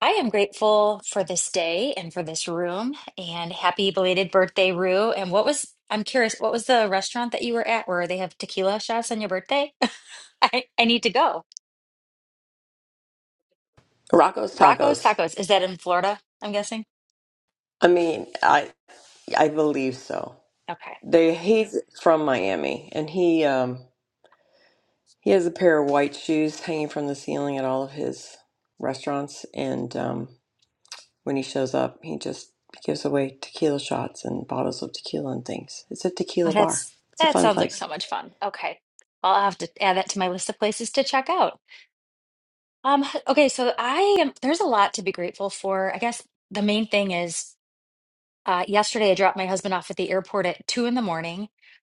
[SPEAKER 6] I am grateful for this day and for this room. And happy belated birthday, Rue. And what was, I'm curious, what was the restaurant that you were at where they have tequila shots on your birthday? I, I need to go.
[SPEAKER 1] Rocco's
[SPEAKER 6] Rocco's
[SPEAKER 1] Tacos.
[SPEAKER 6] Tacos. Is that in Florida? I'm guessing.
[SPEAKER 1] I mean, I I believe so.
[SPEAKER 6] Okay.
[SPEAKER 1] They he's from Miami, and he um He has a pair of white shoes hanging from the ceiling at all of his restaurants, and um, when he shows up, he just gives away tequila shots and bottles of tequila and things. It's a
[SPEAKER 6] Oh,
[SPEAKER 1] tequila bar.
[SPEAKER 6] that's,
[SPEAKER 1] It's a
[SPEAKER 6] that
[SPEAKER 1] fun
[SPEAKER 6] sounds like
[SPEAKER 1] place.
[SPEAKER 6] so much fun. Okay. I'll have to add that to my list of places to check out. Um, okay, so I am, there's a lot to be grateful for. I guess the main thing is uh, yesterday I dropped my husband off at the airport at two in the morning.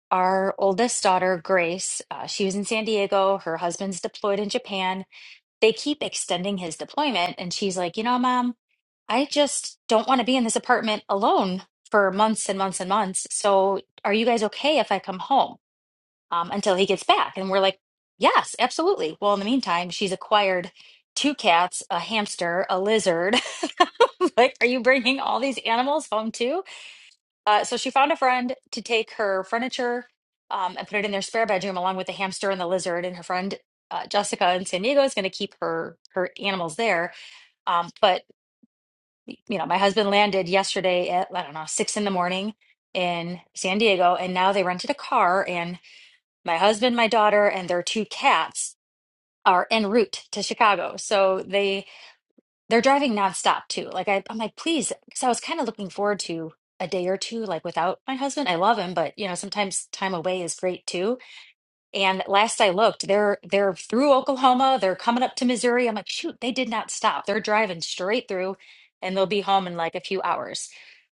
[SPEAKER 6] Our oldest daughter, Grace, uh, she was in San Diego. Her husband's deployed in Japan. They keep extending his deployment. And she's like, you know, Mom, I just don't want to be in this apartment alone for months and months and months. So are you guys okay if I come home? um, until he gets back. And we're like, yes, absolutely. Well, in the meantime, she's acquired two cats, a hamster, a lizard. like, are you bringing all these animals home too? Uh, so she found a friend to take her furniture um, and put it in their spare bedroom along with the hamster and the lizard. And her friend uh, Jessica in San Diego is going to keep her her animals there. Um, but you know, my husband landed yesterday at I don't know six in the morning in San Diego, and now they rented a car and my husband, my daughter, and their two cats are en route to Chicago. So they they're driving nonstop too. Like I, I'm like, please, because I was kind of looking forward to a day or two like without my husband. I love him, but you know, sometimes time away is great too and last I looked, they're they're through Oklahoma, they're coming up to Missouri. I'm like, shoot, they did not stop. They're driving straight through and they'll be home in like a few hours.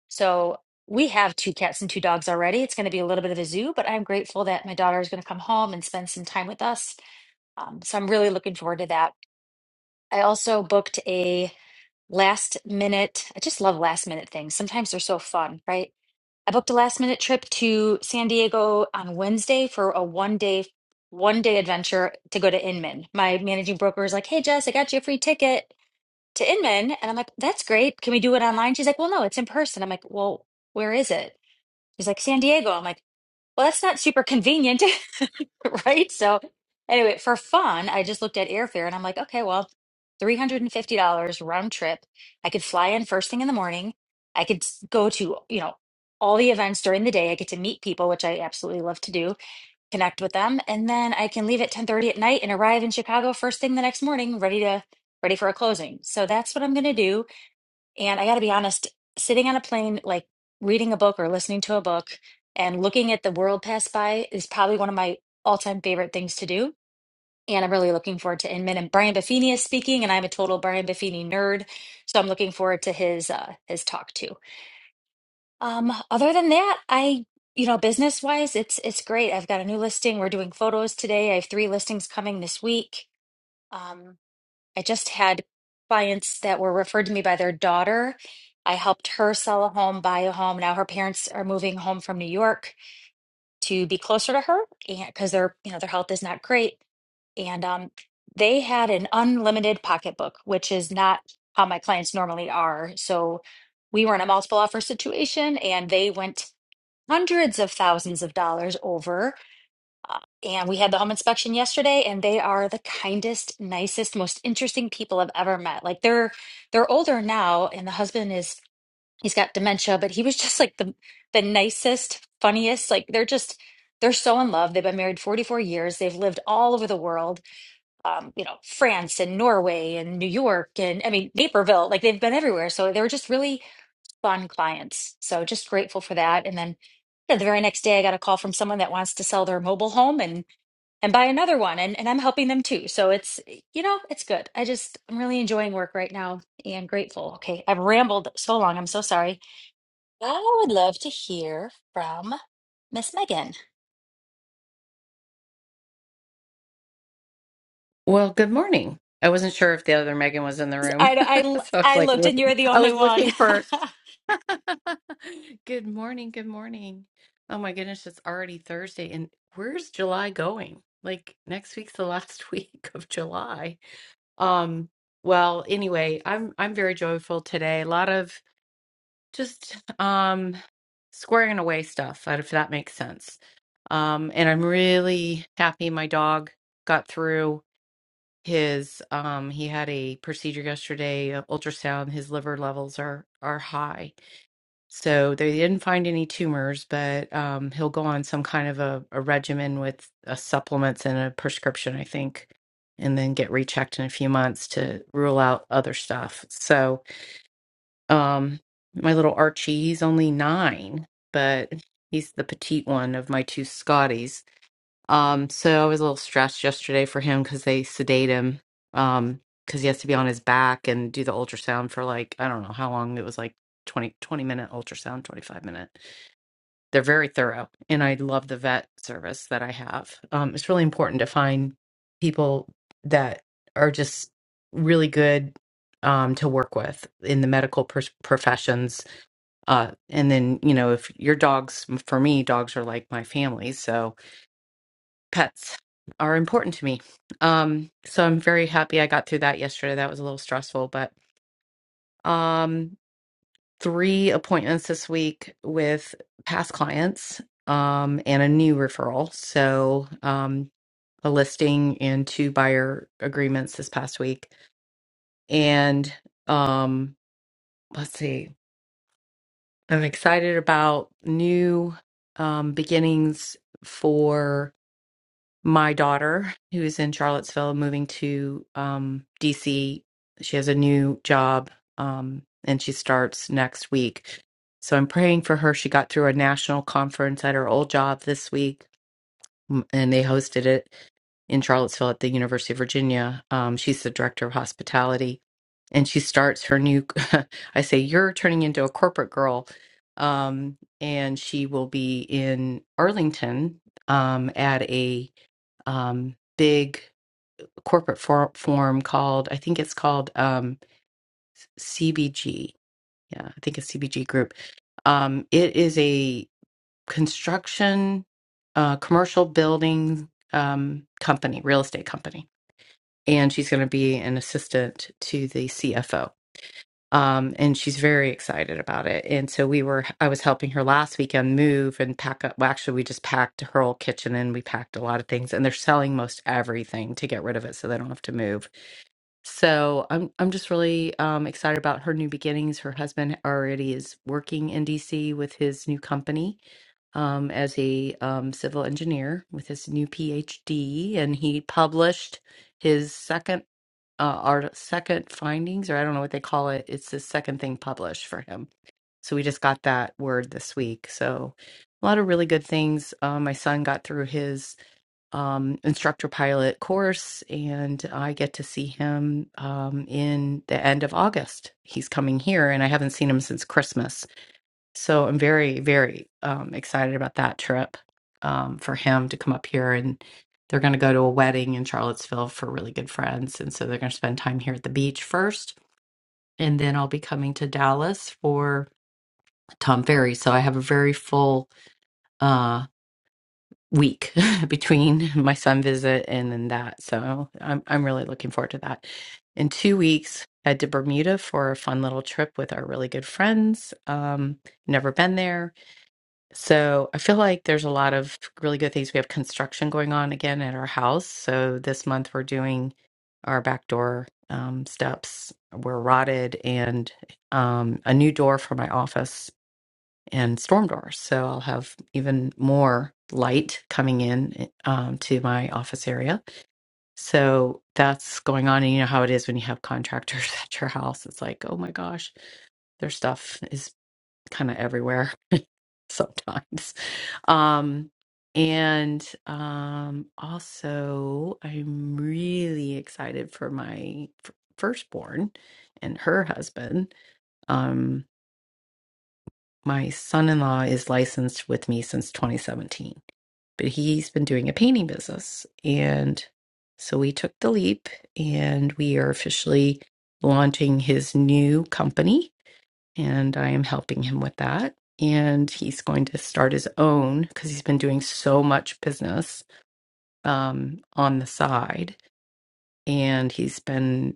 [SPEAKER 6] So we have two cats and two dogs already. It's going to be a little bit of a zoo, but I'm grateful that my daughter is going to come home and spend some time with us. Um, so I'm really looking forward to that. I also booked a last minute. I just love last minute things. Sometimes they're so fun, right? I booked a last minute trip to San Diego on Wednesday for a one day one day adventure to go to Inman. My managing broker is like, "Hey Jess, I got you a free ticket to Inman." And I'm like, "That's great. Can we do it online?" She's like, "Well, no, it's in person." I'm like, "Well, where is it?" She's like, "San Diego." I'm like, "Well, that's not super convenient." right? So anyway, for fun, I just looked at airfare and I'm like, okay, well, $350 round trip. I could fly in first thing in the morning. I could s- go to, you know, all the events during the day. I get to meet people, which I absolutely love to do, connect with them, and then I can leave at 10:30 at night and arrive in Chicago first thing the next morning, ready to ready for a closing. So that's what I'm going to do. And I got to be honest, sitting on a plane, like reading a book or listening to a book and looking at the world pass by is probably one of my all-time favorite things to do. And I'm really looking forward to Inman and Brian Buffini is speaking, and I'm a total Brian Buffini nerd, so I'm looking forward to his uh, his talk too. Um, other than that, I you know business wise, it's it's great. I've got a new listing. We're doing photos today. I have three listings coming this week. Um, I just had clients that were referred to me by their daughter. I helped her sell a home, buy a home. Now her parents are moving home from New York to be closer to her and because their, you know, their health is not great. And um, they had an unlimited pocketbook, which is not how my clients normally are. So we were in a multiple offer situation and they went hundreds of thousands of dollars over. And we had the home inspection yesterday, and they are the kindest, nicest, most interesting people I've ever met. Like they're they're older now, and the husband is he's got dementia, but he was just like the the nicest, funniest. Like they're just they're so in love. They've been married 44 years. They've lived all over the world, um, you know, France and Norway and New York and I mean Naperville. Like they've been everywhere. So they were just really fun clients. So just grateful for that. And then you know, the very next day, I got a call from someone that wants to sell their mobile home, and and buy another one and, and i'm helping them too so it's you know it's good i just i'm really enjoying work right now and grateful okay i've rambled so long i'm so sorry i would love to hear from miss megan
[SPEAKER 7] Well, good morning. I wasn't sure if the other Megan was in the room.
[SPEAKER 6] I,
[SPEAKER 7] so I was
[SPEAKER 6] I i
[SPEAKER 7] like,
[SPEAKER 6] looked
[SPEAKER 7] look-
[SPEAKER 6] and you're the
[SPEAKER 7] I
[SPEAKER 6] only
[SPEAKER 7] was
[SPEAKER 6] one
[SPEAKER 7] looking for.
[SPEAKER 6] i
[SPEAKER 7] good morning. Good morning. Oh my goodness, it's already Thursday. And where's July going? Like next week's the last week of July. Um, well, anyway, I'm I'm very joyful today. A lot of just um squaring away stuff, if that makes sense. Um, and I'm really happy my dog got through. His um he had a procedure yesterday, a ultrasound, his liver levels are are high. So they didn't find any tumors, but um he'll go on some kind of a, a regimen with uh supplements and a prescription, I think, and then get rechecked in a few months to rule out other stuff. So um my little Archie, he's only nine, but he's the petite one of my two Scotties um, so I was a little stressed yesterday for him because they sedate him um, because he has to be on his back and do the ultrasound for like, I don't know how long. It was like 20 20 minute ultrasound, 25 minute. They're very thorough. And I love the vet service that I have. Um, it's really important to find people that are just really good um, to work with in the medical pers- professions. Uh, and then, you know, if your dogs, for me, dogs are like my family. So, pets are important to me. Um, so I'm very happy I got through that yesterday. That was a little stressful, but um, three appointments this week with past clients um, and a new referral. So um, a listing and two buyer agreements this past week. And um, let's see, I'm excited about new um, beginnings for. my daughter, who is in Charlottesville, moving to um, DC. She has a new job um, and she starts next week. So I'm praying for her. She got through a national conference at her old job this week, m- and they hosted it in Charlottesville at the University of Virginia. Um, she's the director of hospitality, and she starts her new. I say, You're turning into a corporate girl. Um, and she will be in Arlington um, at a um, big corporate for- form called, I think it's called um, CBG. Yeah, I think it's CBG Group. Um, it is a construction, uh, commercial building um, company, real estate company. And she's going to be an assistant to the CFO um, and she's very excited about it. And so we were, I was helping her last weekend move and pack up. Well, actually, we just packed her whole kitchen and we packed a lot of things. And they're selling most everything to get rid of it, so they don't have to move. So I'm, I'm just really um, excited about her new beginnings. Her husband already is working in DC with his new company um, as a um, civil engineer with his new PhD, and he published his second uh, our second findings, or I don't know what they call it. It's the second thing published for him. So we just got that word this week. So a lot of really good things. Uh, my son got through his um, instructor pilot course, and I get to see him um, in the end of August. He's coming here, and I haven't seen him since Christmas. So I'm very, very um, excited about that trip um, for him to come up here. And they're going to go to a wedding in Charlottesville for really good friends. And so they're going to spend time here at the beach first. And then I'll be coming to Dallas for Tom Ferry. So I have a very full uh, week between my son visit and then that. So I'm, I'm really looking forward to that. In two weeks, head to Bermuda for a fun little trip with our really good friends. Um, never been there So I feel like there's a lot of really good things. We have construction going on again at our house. So this month we're doing our back door um, steps were rotted and um, a new door for my office and storm doors. So I'll have even more light coming in eh, um, to my office area. So that's going on. And you know how it is when you have contractors at your house. It's like, oh my gosh, their stuff is kind of everywhere sometimes. Um, and um, also, I'm really excited for my f- firstborn and her husband. Um, my son in law is licensed with me since 2017, but he's been doing a painting business. And so we took the leap and we are officially launching his new company and I am helping him with that. And he's going to start his own because he's been doing so much business um, on the side. And he's been,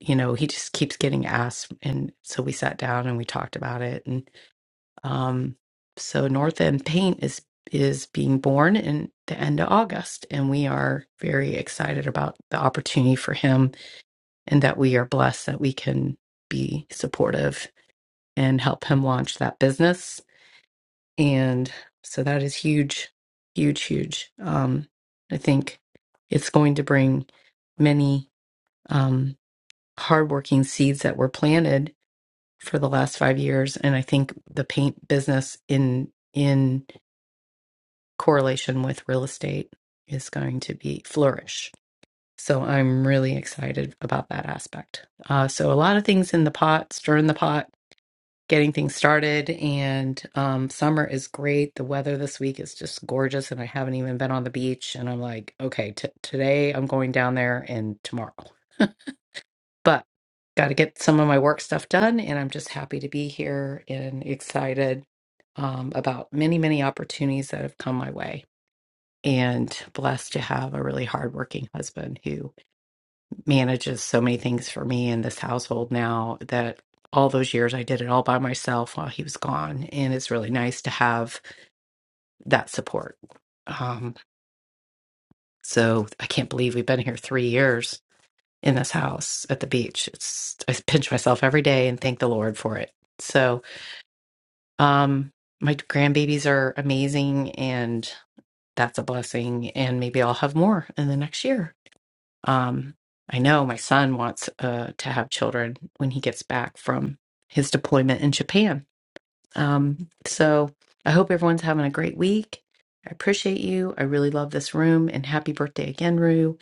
[SPEAKER 7] you know, he just keeps getting asked. And so we sat down and we talked about it. And um, so North End Paint is is being born in the end of August, and we are very excited about the opportunity for him, and that we are blessed that we can be supportive and help him launch that business And so that is huge, huge, huge. Um, I think it's going to bring many um, hardworking seeds that were planted for the last five years, and I think the paint business in in correlation with real estate is going to be flourish. So I'm really excited about that aspect. Uh, so a lot of things in the pot, stir in the pot getting things started. And um, summer is great. The weather this week is just gorgeous, and I haven't even been on the beach. And I'm like, okay, t- today I'm going down there and tomorrow. But got to get some of my work stuff done, and I'm just happy to be here and excited um, about many, many opportunities that have come my way. And blessed to have a really hardworking husband who manages so many things for me in this household now that all those years I did it all by myself while he was gone. And it's really nice to have that support. Um, so I can't believe we've been here three years in this house at the beach. It's I pinch myself every day and thank the Lord for it. So um my grandbabies are amazing and that's a blessing and maybe I'll have more in the next year Um, I know my son wants uh, to have children when he gets back from his deployment in Japan. Um, so I hope everyone's having a great week. I appreciate you. I really love this room and happy birthday again, Rue.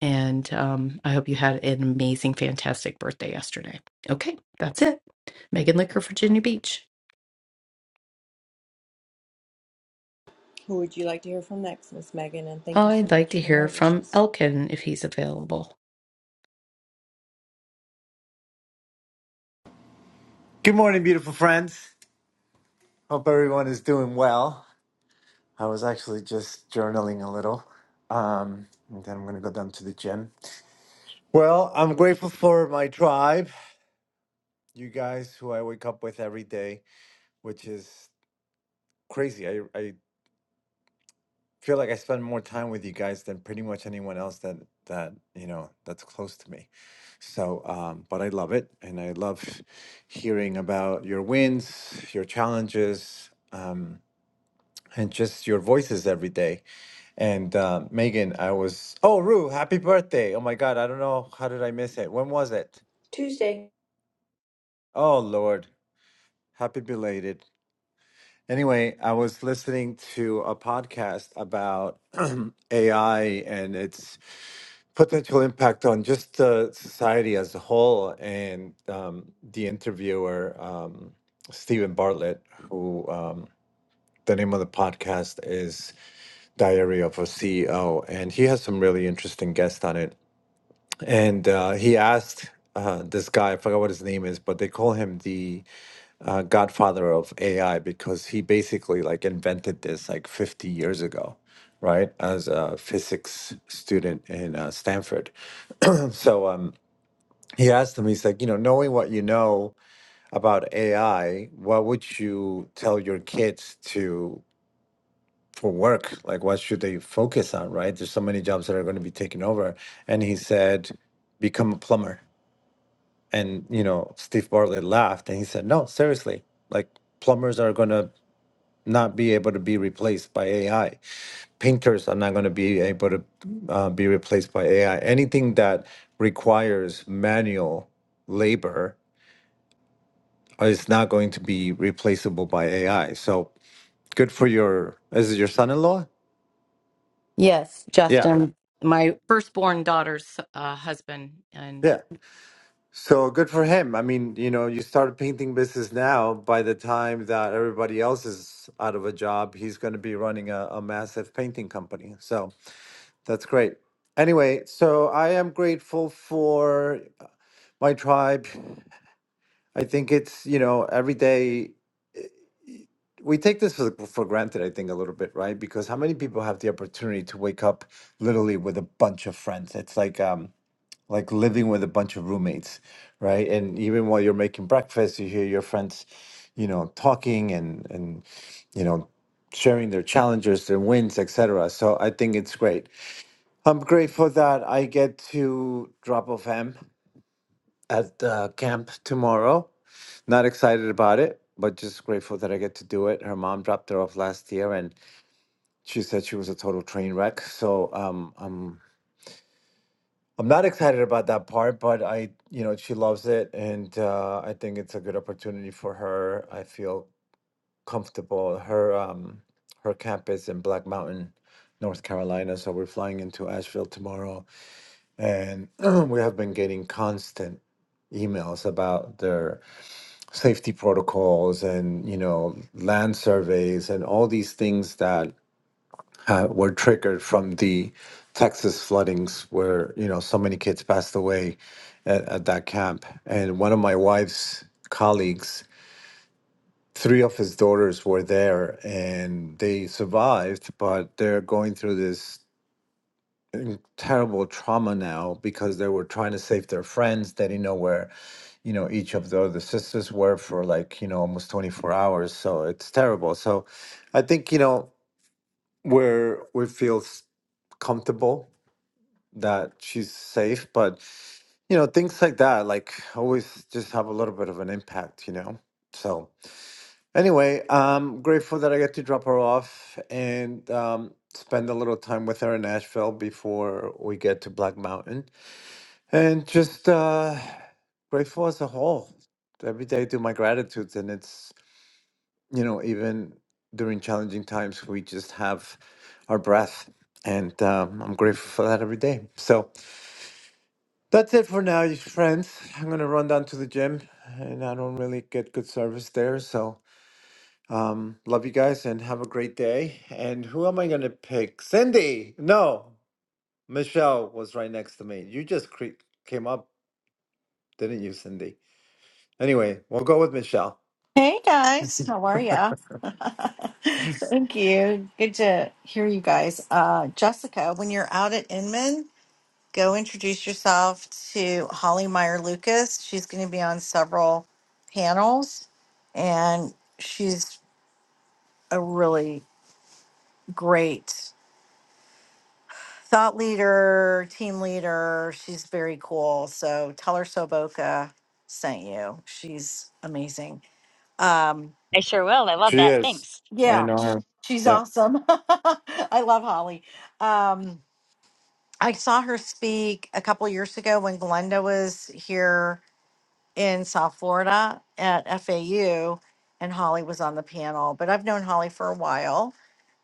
[SPEAKER 7] And um, I hope you had an amazing, fantastic birthday yesterday. Okay, that's it. Megan Licker, Virginia Beach. I'd like to hear from Elkin if he's available.
[SPEAKER 8] Good morning, beautiful friends. Hope everyone is doing well. I was actually just journaling a little, um, and then I'm going to go down to the gym. Well, I'm grateful for my tribe, you guys who I wake up with every day, which is crazy. I, I feel like I spend more time with you guys than pretty much anyone else that that you know that's close to me. So, um, but I love it, and I love hearing about your wins, your challenges. Um, and just your voices every day. And uh, Megan, I was, oh, Rue, happy birthday. Oh my God, I don't know. How did I miss it? When was it? Oh, Lord, happy belated. Anyway, I was listening to a podcast about AI and its potential impact on just uh, society as a whole. And um, the interviewer, um, Stephen Bartlett, who um, the name of the podcast is Diary of a CEO, and he has some really interesting guests on it. And uh, he asked uh, this guy, I forgot what his name is, but they call him the uh, godfather of AI because he basically like invented this like 50 years ago, right? As a physics student in uh, Stanford. so um, he asked him, he's like, you know, knowing what you know about AI, what would you tell your kids to? for work like what should they focus on right there's so many jobs that are going to be taken over and he said become a plumber and you know steve bartlett laughed and he said no seriously like plumbers are going to not be able to be replaced by ai painters are not going to be able to uh, be replaced by ai anything that requires manual labor is not going to be replaceable by ai so good for your is it your son-in-law
[SPEAKER 7] Yes,
[SPEAKER 8] yeah
[SPEAKER 7] Justin, my firstborn daughter's uh, husband, and
[SPEAKER 8] yeah So good for him. I mean, you know, you start a painting business now. By the time that everybody else is out of a job, he's going to be running a, a massive painting company. So that's great. Anyway, so I am grateful for my tribe. I think it's, you know, every day we take this for, for granted, I think, a little bit, right? Because how many people have the opportunity to wake up literally with a bunch of friends? It's like, um, like living with a bunch of roommates, right? And even while you're making breakfast, you hear your friends, you know, talking and and you know, sharing their challenges, their wins, etc. So I think it's great. I'm grateful that I get to drop off him at uh, camp tomorrow. Not excited about it, but just grateful that I get to do it. Her mom dropped her off last year, and she said she was a total train wreck. So um, I'm I'm not excited about that part, but I, you know, she loves it, and uh, I think it's a good opportunity for her. I feel comfortable. Her um, her camp is in Black Mountain, North Carolina, so we're flying into Asheville tomorrow, and we have been getting constant emails about their safety protocols and you know land surveys and all these things that uh, were triggered from the Texas floodings, where you know so many kids passed away at, at that camp. And one of my wife's colleagues, three of his daughters were there, and they survived, but they're going through this in- terrible trauma now because they were trying to save their friends. They didn't know where you know each of the other sisters were for like you know almost 24 hours. So it's terrible. So I think you know where we feel s- comfortable that she's safe, but you know, things like that, like always just have a little bit of an impact, you know. So anyway, I'm grateful that I get to drop her off and um, spend a little time with her in Nashville before we get to Black Mountain. And just uh, grateful as a whole. Every day I do my gratitudes and it's, you know, even during challenging times, we just have our breath. And um, I'm grateful for that every day. So That's it for now, you friends. I'm gonna run down to the gym, and I don't really get good service there. So, um, love you guys and have a great day. And who am I gonna pick? Cindy? No, Michelle was right next to me. You just cre- came up, didn't you, Cindy? Anyway, we'll go with Michelle.
[SPEAKER 9] Hey guys, how are ya? Thank you. Good to hear you guys. Uh, Jessica, when you're out at Inman, go introduce yourself to Holly Meyer Lucas. She's going to be on several panels, and she's a really great thought leader, team leader. She's very cool. So tell her Soboka sent you. She's amazing. Um,
[SPEAKER 6] sure will i love
[SPEAKER 8] She
[SPEAKER 6] that
[SPEAKER 8] is.
[SPEAKER 6] thanks
[SPEAKER 9] yeah.
[SPEAKER 8] I know her.
[SPEAKER 9] She's
[SPEAKER 8] Yeah,
[SPEAKER 9] awesome. I love Holly. Um, I saw her speak a couple years ago when Glenda was here in South Florida at FAU, and Holly was on the panel. But I've known Holly for a while,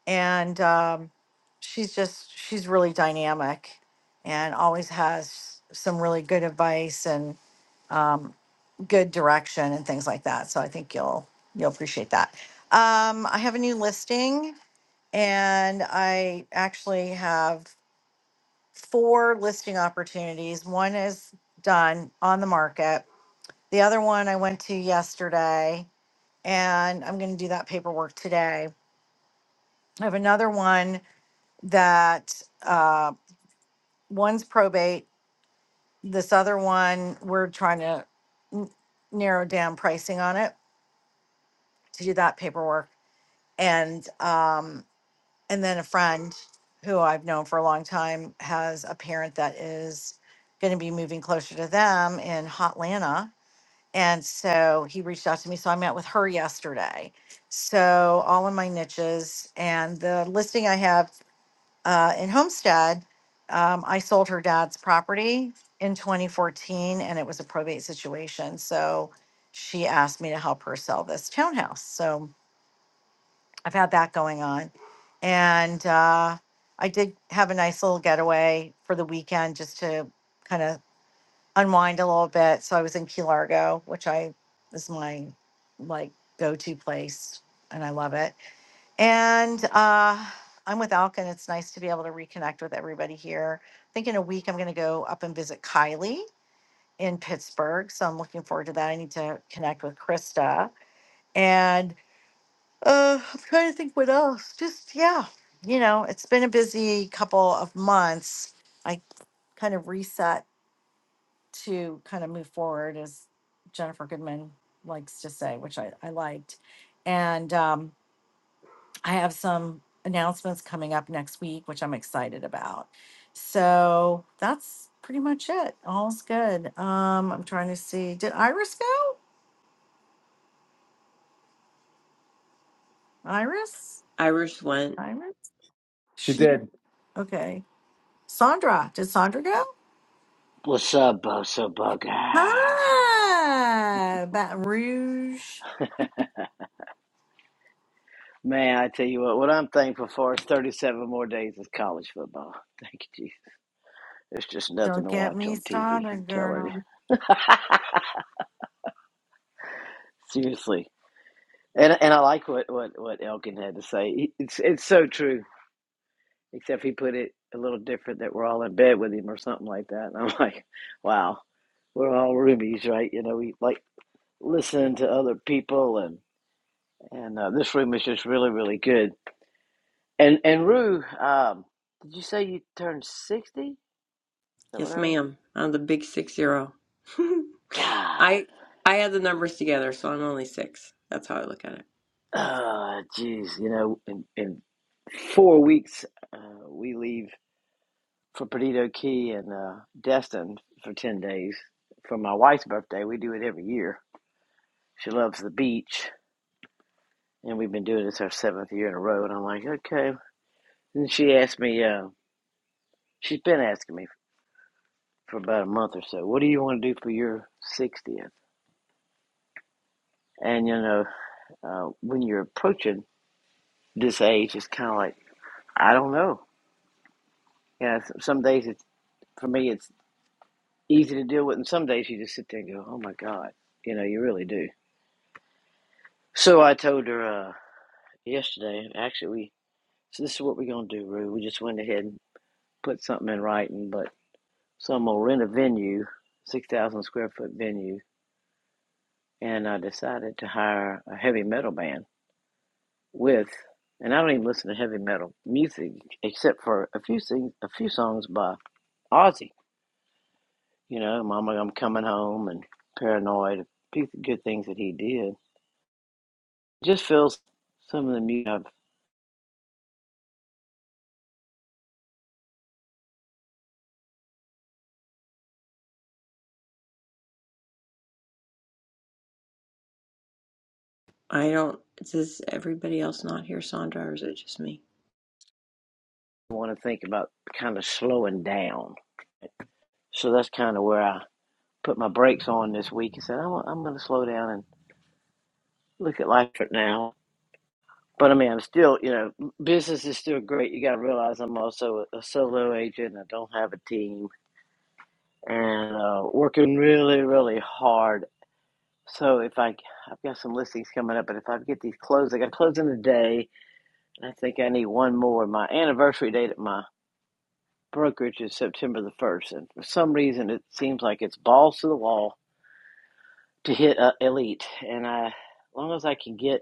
[SPEAKER 9] and um, she's just she's really dynamic, and always has some really good advice and um, good direction and things like that. So I think you'll you'll appreciate that. Um, I have a new listing and I actually have four listing opportunities. One is done on the market. The other one I went to yesterday, and I'm going to do that paperwork today. I have another one that uh, one's probate. This other one, we're trying to n- narrow down pricing on it to do that paperwork. And um, and then a friend who I've known for a long time has a parent that is going to be moving closer to them in Hotlanta. And so he reached out to me. So I met with her yesterday. So all in my niches and the listing I have uh, in Homestead, um, I sold her dad's property in 2014 and it was a probate situation. So she asked me to help her sell this townhouse. So I've had that going on. And uh, I did have a nice little getaway for the weekend just to kind of unwind a little bit. So I was in Key Largo, which I is my like go to place, and I love it. And uh, I'm with Alkin. It's nice to be able to reconnect with everybody here. I think in a week I'm going to go up and visit Kylie in Pittsburgh. So I'm looking forward to that. I need to connect with Krista. And uh, I'm trying to think what else. Just yeah, you know, it's been a busy couple of months. I kind of reset to kind of move forward, as Jennifer Goodman likes to say, which I, I liked. And um, I have some announcements coming up next week, which I'm excited about. So that's pretty much it. All's good. Um, I'm trying to see. Did Iris go? Iris?
[SPEAKER 1] Irish went,
[SPEAKER 9] Iris?
[SPEAKER 8] she
[SPEAKER 9] She?
[SPEAKER 8] did.
[SPEAKER 9] Okay. Sandra. Did Sandra go?
[SPEAKER 10] What's up, Bosa Bugger?
[SPEAKER 9] Ah, Baton Rouge.
[SPEAKER 10] Man, I tell you what, what I'm thankful for is 37 more days of college football. Thank you, Jesus. There's just nothing
[SPEAKER 9] Don't
[SPEAKER 10] to
[SPEAKER 9] get
[SPEAKER 10] watch
[SPEAKER 9] me
[SPEAKER 10] on TV, I'm
[SPEAKER 9] started,
[SPEAKER 10] telling
[SPEAKER 9] girl.
[SPEAKER 10] you. Seriously. And and I like what, what, what Elkin had to say. It's it's so true, except he put it a little different that we're all in bed with him or something like that. And I'm like, wow, we're all roomies, right? You know, we like listening to other people, and, and uh, this room is just really, really good. And and Rue, um, did you say you turned sixty? Is that what I
[SPEAKER 1] yes,
[SPEAKER 10] heard?
[SPEAKER 1] ma'am. I'm the big six zero.
[SPEAKER 10] God,
[SPEAKER 1] I I had the numbers together, so I'm only six. That's how I look at it.
[SPEAKER 10] oh, jeez, you know, in in four weeks uh, we leave for Perdido Key and uh, Destin for ten days for my wife's birthday. We do it every year. She loves the beach, and we've been doing this our seventh year in a row. And I'm like, okay. And she asked me, uh, she's been asking me for about a month or so, what do you want to do for your sixtieth? And you know, uh, when you're approaching this age it's kind of like I don't know. Yeah, some days it's for me it's easy to deal with, and some days you just sit there and go, "Oh my God," you know, you really do. So I told her uh, yesterday. Actually, we so this is what we're gonna do, Rue. We just went ahead and put something in writing, but so I'm gonna rent a venue, six thousand square foot venue, and I decided to hire a heavy metal band with. And I don't even listen to heavy metal music except for a few things, a few songs by Ozzy you know, Mama, I'm coming home and paranoid. Few good things that he did. Just feels some of the music I
[SPEAKER 1] I don't. Does everybody else not hear Sandra, or is it just me?
[SPEAKER 10] want to think about kind of slowing down. So that's kind of where I put my brakes on this week and said, I'm, I'm going to slow down and look at life right now. But I mean, I'm still, you know, business is still great. You got to realize I'm also a, a solo agent. I don't have a team and uh, working really, really hard. So if I, I've got some listings coming up, but if I get these closed, I got to close in a day I think I need one more. My anniversary date at my brokerage is September the 1st, and for some reason it seems like it's balls to the wall to hit uh, elite. And I, as long as I can get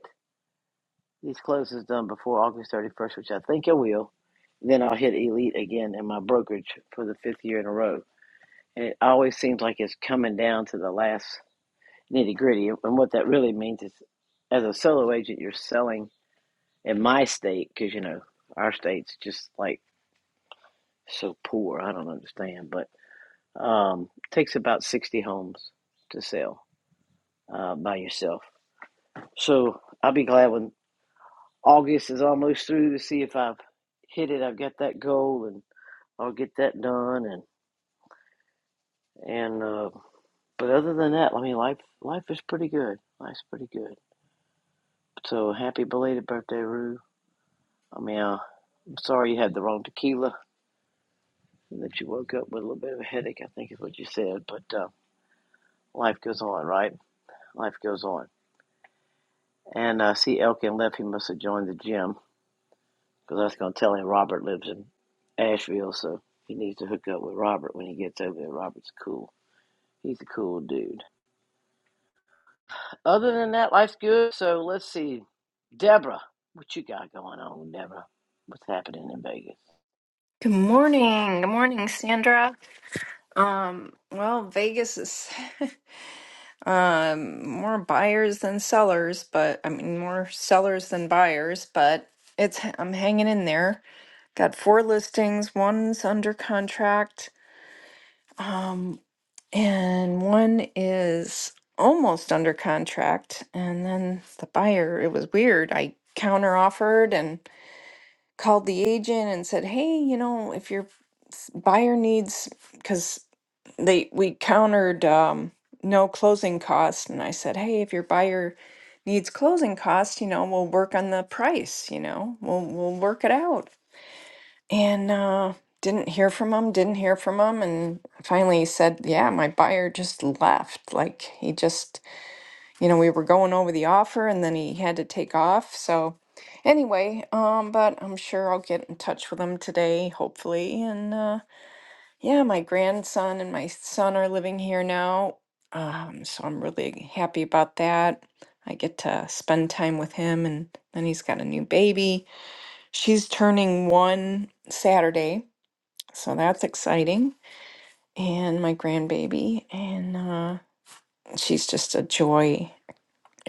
[SPEAKER 10] these closes done before August 31st, which I think I will, then I'll hit elite again in my brokerage for the fifth year in a row. And it always seems like it's coming down to the last nitty gritty. And what that really means is, as a solo agent, you're selling in my state because you know our state's just like so poor. I don't understand, but um, takes about 60 homes to sell uh, by yourself. So I'll be glad when August is almost through to see if I've hit it. I've got that goal, and I'll get that done. And and uh, but other than that, I mean, life life is pretty good. Life's pretty good. So happy belated birthday, Rue. I mean, uh, I'm sorry you had the wrong tequila and that you woke up with a little bit of a headache. I think is what you said, but uh, life goes on, right? Life goes on. And uh, see, Elkin left. He must have joined the gym because I was going to tell him Robert lives in Asheville, so he needs to hook up with Robert when he gets over there. Robert's cool. He's a cool dude. Other than that, life's good. So let's see, Deborah, what you got going on, Deborah? What's happening in Vegas?
[SPEAKER 11] Good morning. Good morning, Sandra. Um, well, Vegas is um more buyers than sellers, but I mean more sellers than buyers, but it's I'm hanging in there. Got four listings, one's under contract, um, and one is almost under contract. And then the buyer, it was weird. I counter offered and called the agent and said, "Hey, you know, if your buyer needs because they we countered um, no closing costs, and I said, hey, if your buyer needs closing costs, you know, we'll work on the price. You know, we'll we'll work it out. And uh, didn't hear from him. Didn't hear from him, and finally he said, yeah, my buyer just left. Like he just, you know, we were going over the offer, and then he had to take off. So. Anyway, um, but I'm sure I'll get in touch with him today, hopefully, and uh, yeah, my grandson and my son are living here now. Um, so I'm really happy about that. I get to spend time with him, and then he's got a new baby. She's turning one Saturday, so that's exciting. And my grandbaby, and uh, she's just a joy.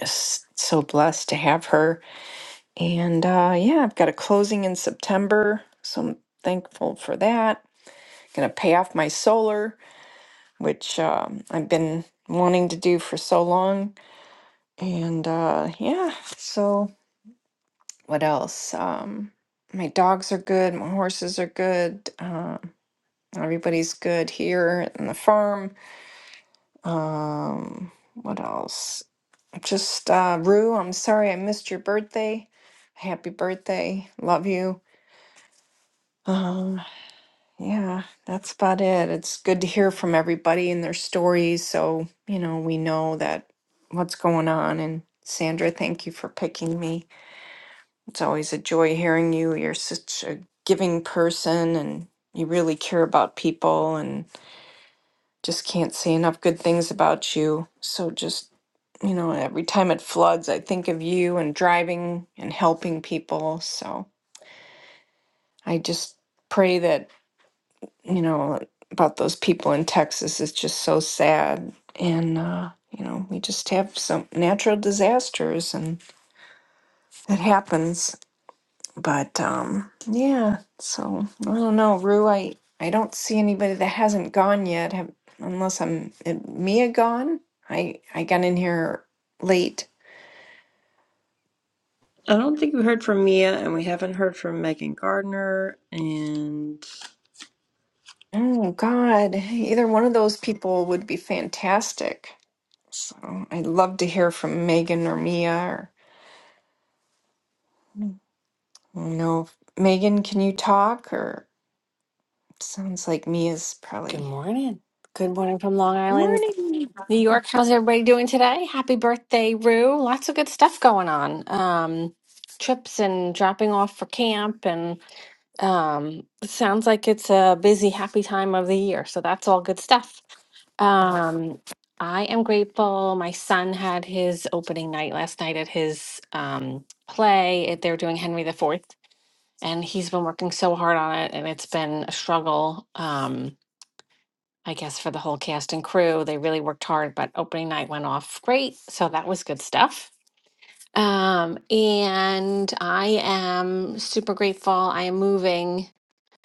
[SPEAKER 11] Just so blessed to have her. And uh, yeah, I've got a closing in September, so I'm thankful for that. Gonna pay off my solar. which um, I've been wanting to do for so long. And uh, yeah, so what else? Um, my dogs are good, my horses are good, uh, everybody's good here in the farm. Um, what else? Just uh, Rue, I'm sorry I missed your birthday. Happy birthday. Love you. Um, Yeah, that's about it. It's good to hear from everybody and their stories. So, you know, we know that what's going on. And Sandra, thank you for picking me. It's always a joy hearing you. You're such a giving person and you really care about people and just can't say enough good things about you. So, just, you know, every time it floods, I think of you and driving and helping people. So, I just pray that. you know, about those people in Texas is just so sad. And, uh, you know, we just have some natural disasters and it happens. But, um, yeah, so I don't know, Rue, I, I don't see anybody that hasn't gone yet, have, unless I'm, uh, Mia gone? I, I got in here late.
[SPEAKER 1] I don't think we heard from Mia, and we haven't heard from Megan Gardner, and
[SPEAKER 11] Oh, God, either one of those people would be fantastic. So I'd love to hear from Megan or Mia or. I don't know. if- Megan, can you talk? Or sounds like Mia's
[SPEAKER 12] Good
[SPEAKER 11] probably.
[SPEAKER 12] morning. Good morning from Long Island,
[SPEAKER 11] Morning.
[SPEAKER 12] New York. How's everybody doing today? Happy birthday, Rue. Lots of good stuff going on. Um, trips and dropping off for camp and um it sounds like it's a busy, happy time of the year. So that's all good stuff. Um I am grateful. My son had his opening night last night at his um play. It- They're doing Henry the Fourth, and he's been working so hard on it, and it's been a struggle. Um I guess, for the whole cast and crew. They really worked hard, but opening night went off great. So that was good stuff. Um, and I am super grateful. I am moving,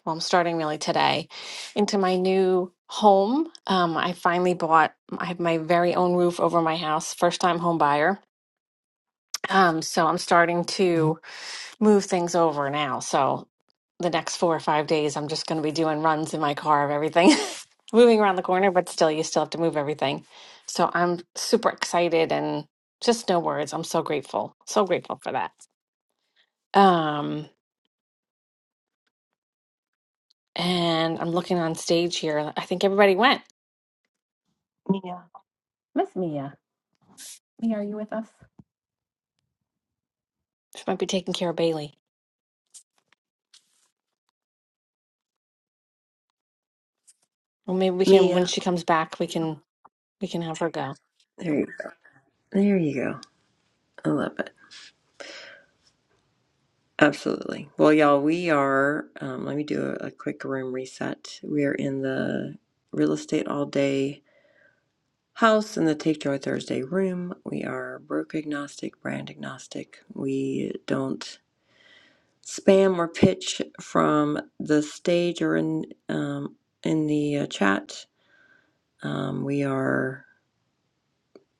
[SPEAKER 12] well, I'm starting really today into my new home. Um, I finally bought, I have my very own roof over my house, first time home buyer. Um, so I'm starting to move things over now. So the next four or five days, I'm just going to be doing runs in my car of everything, moving around the corner, but still, you still have to move everything. So I'm super excited and just no words. I'm so grateful. So grateful for that. Um, and I'm looking on stage here. I think everybody went. Mia. Miss Mia. Mia, are you with us? She might be taking care of Bailey. Well, maybe we can, when
[SPEAKER 1] Mia.
[SPEAKER 12] she comes back, we can, we can have her go.
[SPEAKER 1] There you, there you go. I love it. Absolutely. Well, y'all, we are, um, let me do a, a quick room reset. We are in the real estate all day house in the Take Joy Thursday room. We are broker agnostic, brand agnostic. We don't spam or pitch from the stage or in, um, in the uh, chat. Um, we are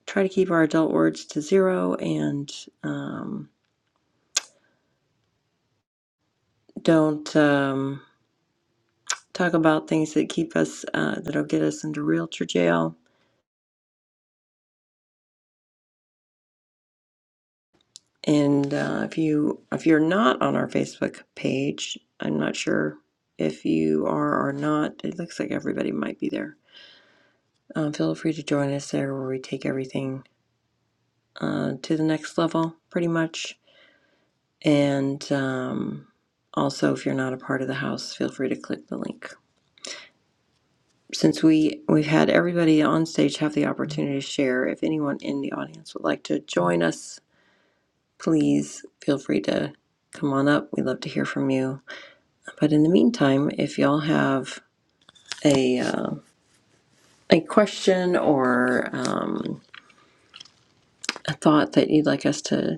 [SPEAKER 1] try to keep our adult words to zero and um, don't. Um, talk about things that keep us uh, that'll get us into realtor jail. And uh, if you if you're not on our Facebook page, I'm not sure if you are or not. It looks like everybody might be there. Um, feel free to join us there, where we take everything uh, to the next level, pretty much. And um, also, if you're not a part of the house, feel free to click the link. Since we we've had everybody on stage have the opportunity to share, if anyone in the audience would like to join us please feel free to come on up. We'd love to hear from you. But in the meantime, if y'all have a uh, a question or um, a thought that you'd like us to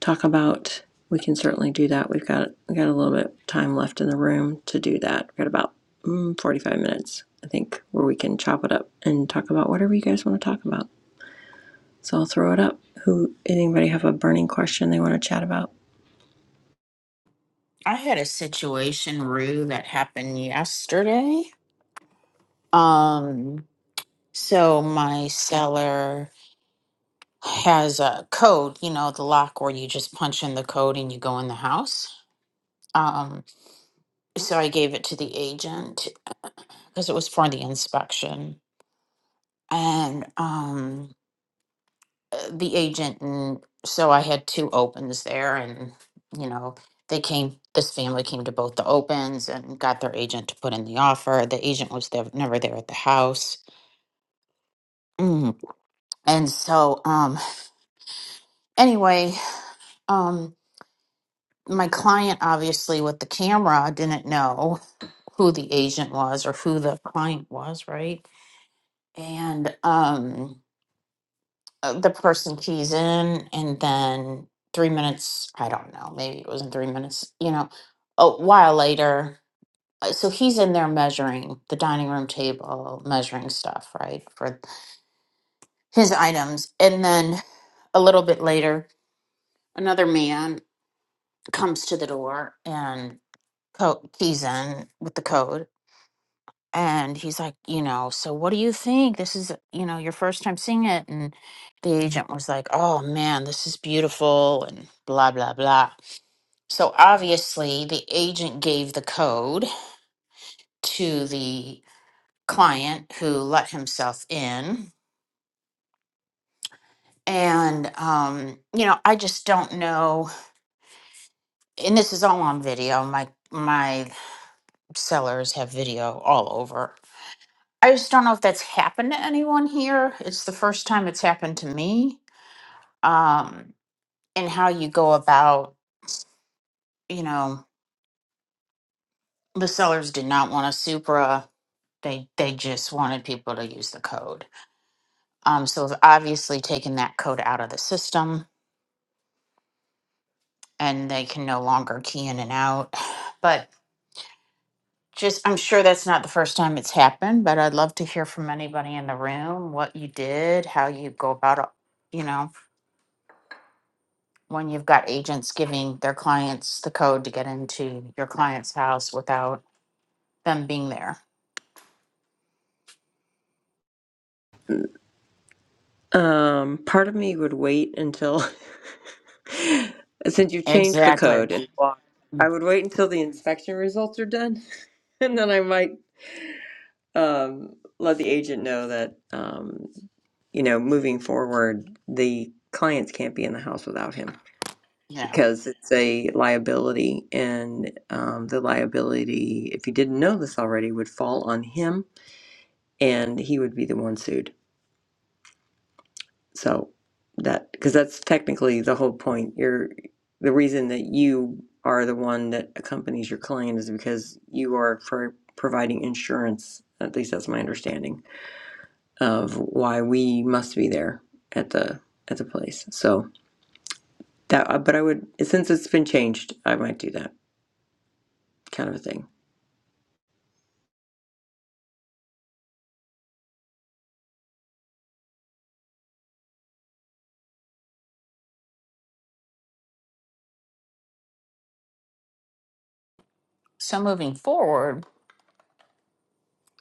[SPEAKER 1] talk about, we can certainly do that. We've got we got a little bit of time left in the room to do that. We've got about mm, 45 minutes, I think, where we can chop it up and talk about whatever you guys want to talk about. So I'll throw it up. Who anybody have a burning question they want to chat about?
[SPEAKER 5] I had a situation, Rue, that happened yesterday. Um, so my seller has a code, you know, the lock where you just punch in the code and you go in the house. Um, so I gave it to the agent because it was for the inspection. And um uh, the agent and so I had two opens there and you know they came this family came to both the opens and got their agent to put in the offer the agent was there, never there at the house Mm. and so um anyway um my client obviously with the camera didn't know who the agent was or who the client was right and um uh, the person keys in and then three minutes i don't know maybe it wasn't three minutes you know a while later uh, so he's in there measuring the dining room table measuring stuff right for his items and then a little bit later another man comes to the door and co- keys in with the code and he's like, you know, so what do you think? This is, you know, your first time seeing it. And the agent was like, oh man, this is beautiful and blah, blah, blah. So obviously, the agent gave the code to the client who let himself in. And, um, you know, I just don't know. And this is all on video. My, my sellers have video all over. I just don't know if that's happened to anyone here. It's the first time it's happened to me um, and how you go about, you know, the sellers did not want a Supra. They they just wanted people to use the code. Um, so we've obviously taken that code out of the system, and they can no longer key in and out. But just, I'm sure that's not the first time it's happened. But I'd love to hear from anybody in the room what you did, how you go about, it, you know, when you've got agents giving their clients the code to get into your client's house without them being there.
[SPEAKER 1] Um, part of me would wait until since you've changed the
[SPEAKER 5] Exactly.
[SPEAKER 1] code, and I
[SPEAKER 5] Mm,
[SPEAKER 1] would wait until the inspection results are done, and then I might um, let the agent know that um, you know moving forward, the clients can't be in the house without him
[SPEAKER 5] Yeah.
[SPEAKER 1] because it's a liability, and um, the liability, if you didn't know this already, would fall on him, and he would be the one sued. So that because that's technically the whole point. You're the reason that you are the one that accompanies your client is because you are pro- providing insurance. At least that's my understanding of why we must be there at the at the place. So that, uh, but I would since it's been changed, I might do that kind of a thing.
[SPEAKER 5] So moving forward,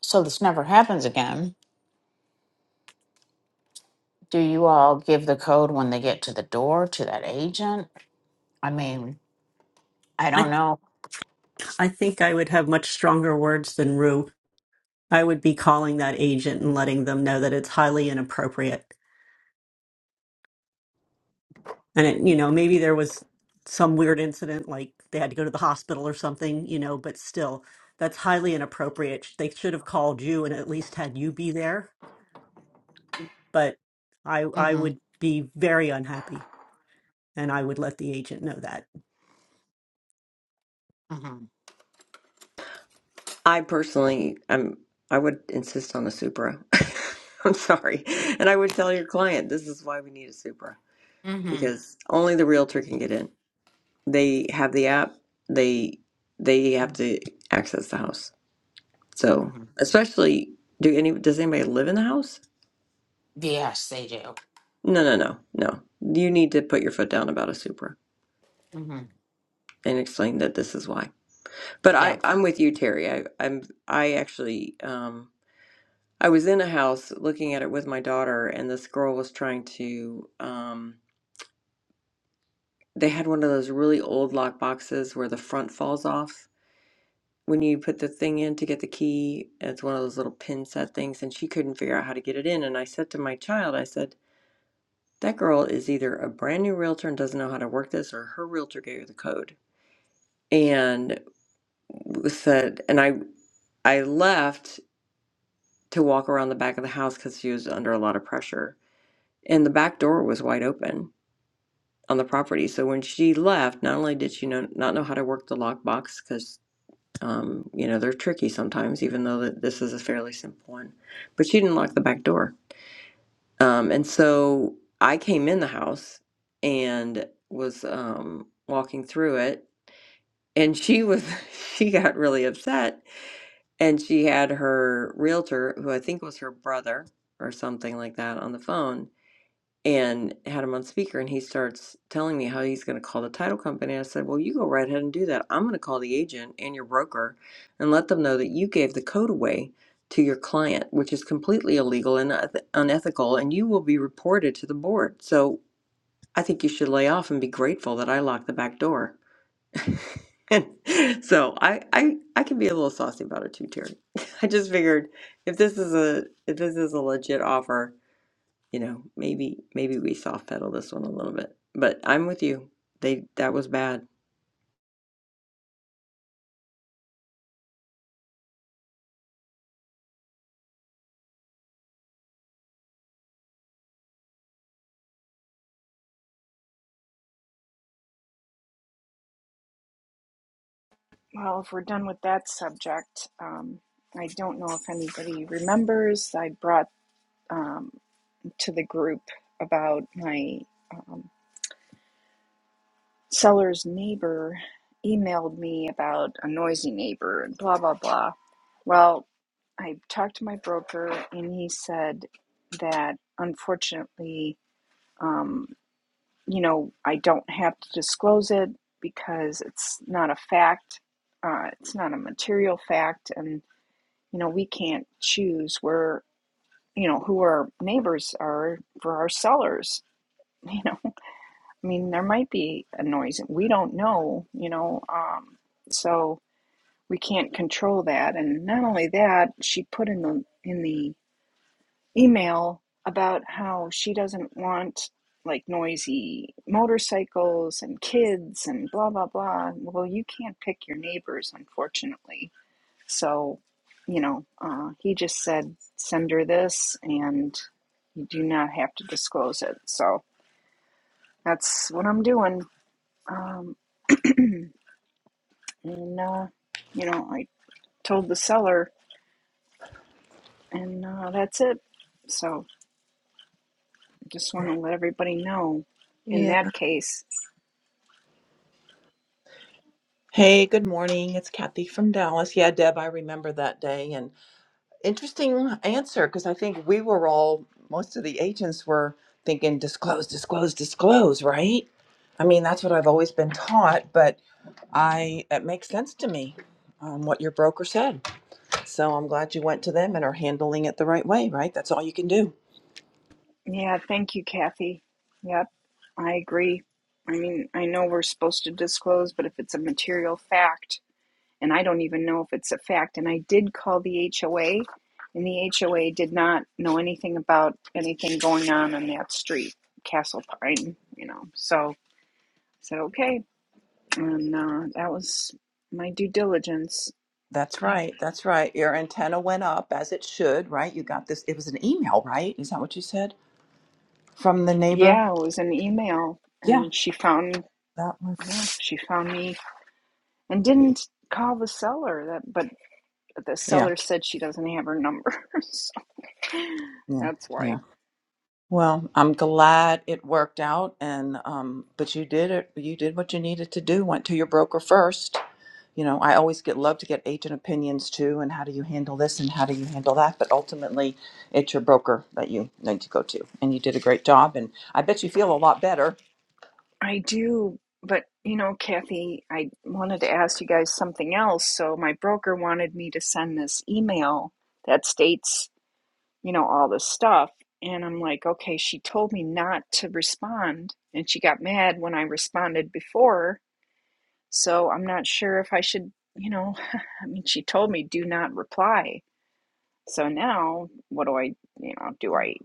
[SPEAKER 5] so this never happens again, do you all give the code when they get to the door to that agent? I mean, I don't
[SPEAKER 2] I
[SPEAKER 5] know.
[SPEAKER 2] I think I would have much stronger words than Rue. I would be calling that agent and letting them know that it's highly inappropriate. And it, you know, maybe there was some weird incident like they had to go to the hospital or something, you know, but still that's highly inappropriate. They should have called you and at least had you be there, but I I
[SPEAKER 5] Mm-hmm.
[SPEAKER 2] would be very unhappy. and I would let the agent know that.
[SPEAKER 5] Mm-hmm.
[SPEAKER 1] I personally, I'm I would insist on a Supra. I'm sorry, and I would tell your client this is why we need a Supra
[SPEAKER 5] Mm-hmm.
[SPEAKER 1] because only the realtor can get in they have the app, they they have to access the house. So
[SPEAKER 5] Mm-hmm.
[SPEAKER 1] especially do any does anybody live in the house?
[SPEAKER 5] Yes, they do.
[SPEAKER 1] No, no, no, no. You need to put your foot down about a Supra
[SPEAKER 5] Mm-hmm.
[SPEAKER 1] and explain that this is why. But
[SPEAKER 5] Yeah.
[SPEAKER 1] I I'm with you, Terry. I I'm I actually um I was in a house looking at it with my daughter, and this girl was trying to um they had one of those really old lock boxes where the front falls off when you put the thing in to get the key, it's one of those little pin set things, and she couldn't figure out how to get it in. And I said to my child, I said, that girl is either a brand new realtor and doesn't know how to work this, or her realtor gave her the code. And said, and I I left to walk around the back of the house because she was under a lot of pressure, and the back door was wide open on the property. So when she left, not only did she know, not know how to work the lockbox because Um, you know, they're tricky sometimes, even though that this is a fairly simple one. But she didn't lock the back door. Um, and so I came in the house and was um, walking through it. And she was, she got really upset. And she had her realtor, who I think was her brother or something like that, on the phone and had him on speaker and he starts telling me how he's going to call the title company i said well you go right ahead and do that i'm going to call the agent and your broker and let them know that you gave the code away to your client which is completely illegal and uneth- unethical and you will be reported to the board so i think you should lay off and be grateful that i locked the back door and so I, I I can be a little saucy about it too, Terry. I just figured if this is a if this is a legit offer, you know, maybe maybe we soft pedal this one a little bit. But I'm with you. They that was bad.
[SPEAKER 11] Well, if we're done with that subject, um, I don't know if anybody remembers. I brought um, to the group about my um, seller's neighbor emailed me about a noisy neighbor and blah, blah, blah. Well, I talked to my broker and he said that unfortunately. um, you know, I don't have to disclose it because it's not a fact. Uh, it's not a material fact, and you know, we can't choose where you know who our neighbors are for our sellers. You know, I mean, there might be a noise we don't know. You know, um, so we can't control that. And not only that, she put in the in the email about how she doesn't want like noisy motorcycles and kids and blah blah blah. Well, you can't pick your neighbors, unfortunately. So, you know, uh, he just said send her this, and you do not have to disclose it. So that's what I'm doing. Um, and uh, you know, I told the seller, and uh, that's it. So I just want to let everybody know in
[SPEAKER 13] Yeah.
[SPEAKER 11] that case.
[SPEAKER 13] Hey, good morning. It's Kathy from Dallas. Yeah, Deb, I remember that day. And interesting answer because I think we were all, most of the agents were thinking disclose, disclose, disclose, right? I mean, that's what I've always been taught, but I it makes sense to me um, what your broker said. So I'm glad you went to them and are handling it the right way, right? That's all you can do.
[SPEAKER 11] Yeah, thank you, Kathy. Yep, I agree. I mean, I know we're supposed to disclose, but if it's a material fact, and I don't even know if it's a fact, and I did call the HOA, and the HOA did not know anything about anything going on on that street, Castle Pine, you know. So I said, okay. And uh, that was my due diligence.
[SPEAKER 13] That's
[SPEAKER 11] I,
[SPEAKER 13] right. That's right. Your antenna went up as it should, right? You got this. It was an email, right? Is that what you said from the neighbor?
[SPEAKER 11] yeah, it was an email,
[SPEAKER 13] Yeah.
[SPEAKER 11] and she found,
[SPEAKER 13] That one.
[SPEAKER 11] yeah, she found me and didn't call the seller that but but the
[SPEAKER 13] Yeah,
[SPEAKER 11] seller said she doesn't have her number. so
[SPEAKER 13] yeah,
[SPEAKER 11] that's why
[SPEAKER 13] yeah. Well, I'm glad it worked out, and um, but you did it. You did what you needed to do. Went to your broker first. You know, I always get love to get agent opinions too, and how do you handle this and how do you handle that? But ultimately, it's your broker that you need to go to, and you did a great job. And I bet you feel a lot better.
[SPEAKER 11] I do. But you know, Kathy, I wanted to ask you guys something else. So my broker wanted me to send this email that states, you know, all this stuff. And I'm like, okay, she told me not to respond. And she got mad when I responded before. So I'm not sure if I should, you know, I mean, she told me do not reply. So now what do I, you know, do
[SPEAKER 13] Oh,
[SPEAKER 11] I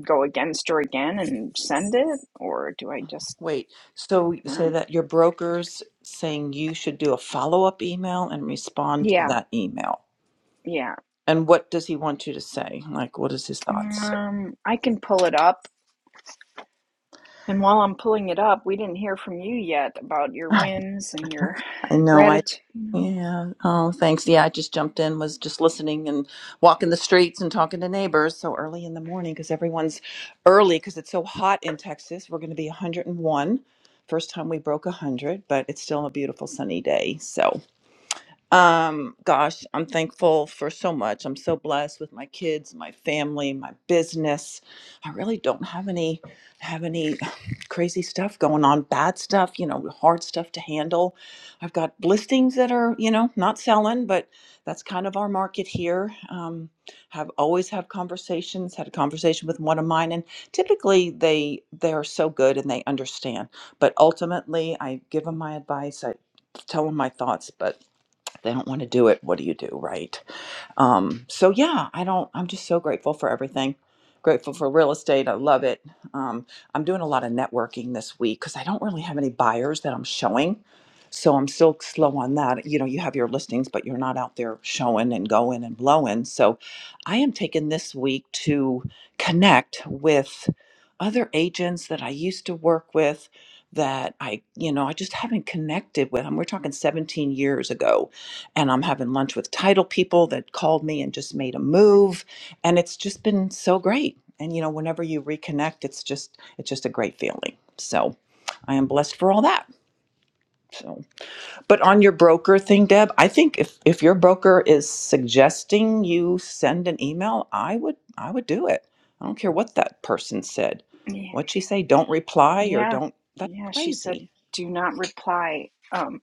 [SPEAKER 11] go against her again and send it, or do I just?
[SPEAKER 13] wait. So say
[SPEAKER 11] Uh,
[SPEAKER 13] that your broker's saying you should do a follow up email and respond to
[SPEAKER 11] yeah,
[SPEAKER 13] that email.
[SPEAKER 11] yeah.
[SPEAKER 13] And what does he want you to say? Like, what is his thoughts?
[SPEAKER 11] Um, I can pull it up. And while I'm pulling it up, we didn't hear from you yet about your
[SPEAKER 13] I
[SPEAKER 11] wins and your
[SPEAKER 13] I know. I
[SPEAKER 11] gratitude.
[SPEAKER 13] yeah. Oh, thanks. Yeah, I just jumped in, was just listening and walking the streets and talking to neighbors so early in the morning because everyone's early because it's so hot in Texas. We're going to be 101. First time we broke 100, but it's still a beautiful sunny day. So. Um, gosh, I'm thankful for so much. I'm so blessed with my kids, my family, my business. I really don't have any have any crazy stuff going on, bad stuff, you know, hard stuff to handle. I've got listings that are, you know, not selling, but that's kind of our market here. Um, have always have conversations, had a conversation with one of mine, and typically they they are so good and they understand. But ultimately I give them my advice, I tell them my thoughts, but they don't want to do it what do you do right um, so yeah i don't i'm just so grateful for everything grateful for real estate i love it um, i'm doing a lot of networking this week because i don't really have any buyers that i'm showing so i'm still slow on that you know you have your listings but you're not out there showing and going and blowing so i am taking this week to connect with other agents that i used to work with that i you know i just haven't connected with them we're talking 17 years ago and I'm having lunch with title people that called me and just made a move and it's just been so great. And you know, whenever you reconnect, it's just it's just a great feeling. So I am blessed for all that. So but on your broker thing, Deb, I think if if your broker is suggesting you send an email, I would I would do it. I don't care what that person said.
[SPEAKER 11] yeah,
[SPEAKER 13] What'd she say? Don't reply or
[SPEAKER 11] yeah.
[SPEAKER 13] don't that's
[SPEAKER 11] yeah, She said,
[SPEAKER 13] crazy.
[SPEAKER 11] "Do not reply." Um,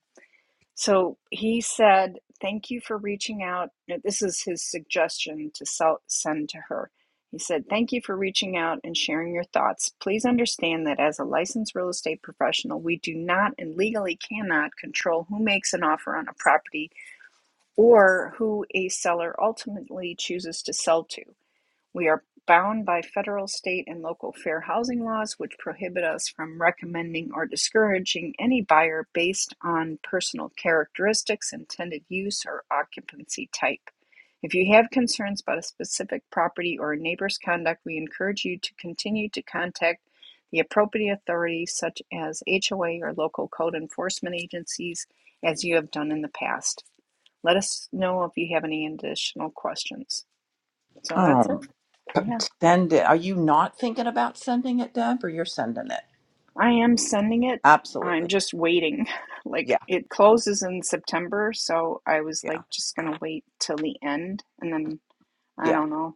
[SPEAKER 11] So he said, Thank you for reaching out. This is his suggestion to sell, send to her. He said, Thank you for reaching out and sharing your thoughts. Please understand that as a licensed real estate professional, we do not and legally cannot control who makes an offer on a property or who a seller ultimately chooses to sell to. We are bound by federal, state, and local fair housing laws, which prohibit us from recommending or discouraging any buyer based on personal characteristics, intended use, or occupancy type. If you have concerns about a specific property or a neighbor's conduct, we encourage you to continue to contact the appropriate authorities, such as HOA or local code enforcement agencies, as you have done in the past. Let us know if you have any additional questions. So that's it.
[SPEAKER 13] Oh, p-
[SPEAKER 11] Yeah.
[SPEAKER 13] send it. Are you not thinking about sending it, Deb, or you're sending it?
[SPEAKER 11] I am sending it. I'm
[SPEAKER 13] Absolutely.
[SPEAKER 11] just waiting. Like
[SPEAKER 13] Yeah.
[SPEAKER 11] it closes in September, so I was
[SPEAKER 13] Yeah.
[SPEAKER 11] like just gonna wait till the end and then I
[SPEAKER 13] Yeah.
[SPEAKER 11] don't know.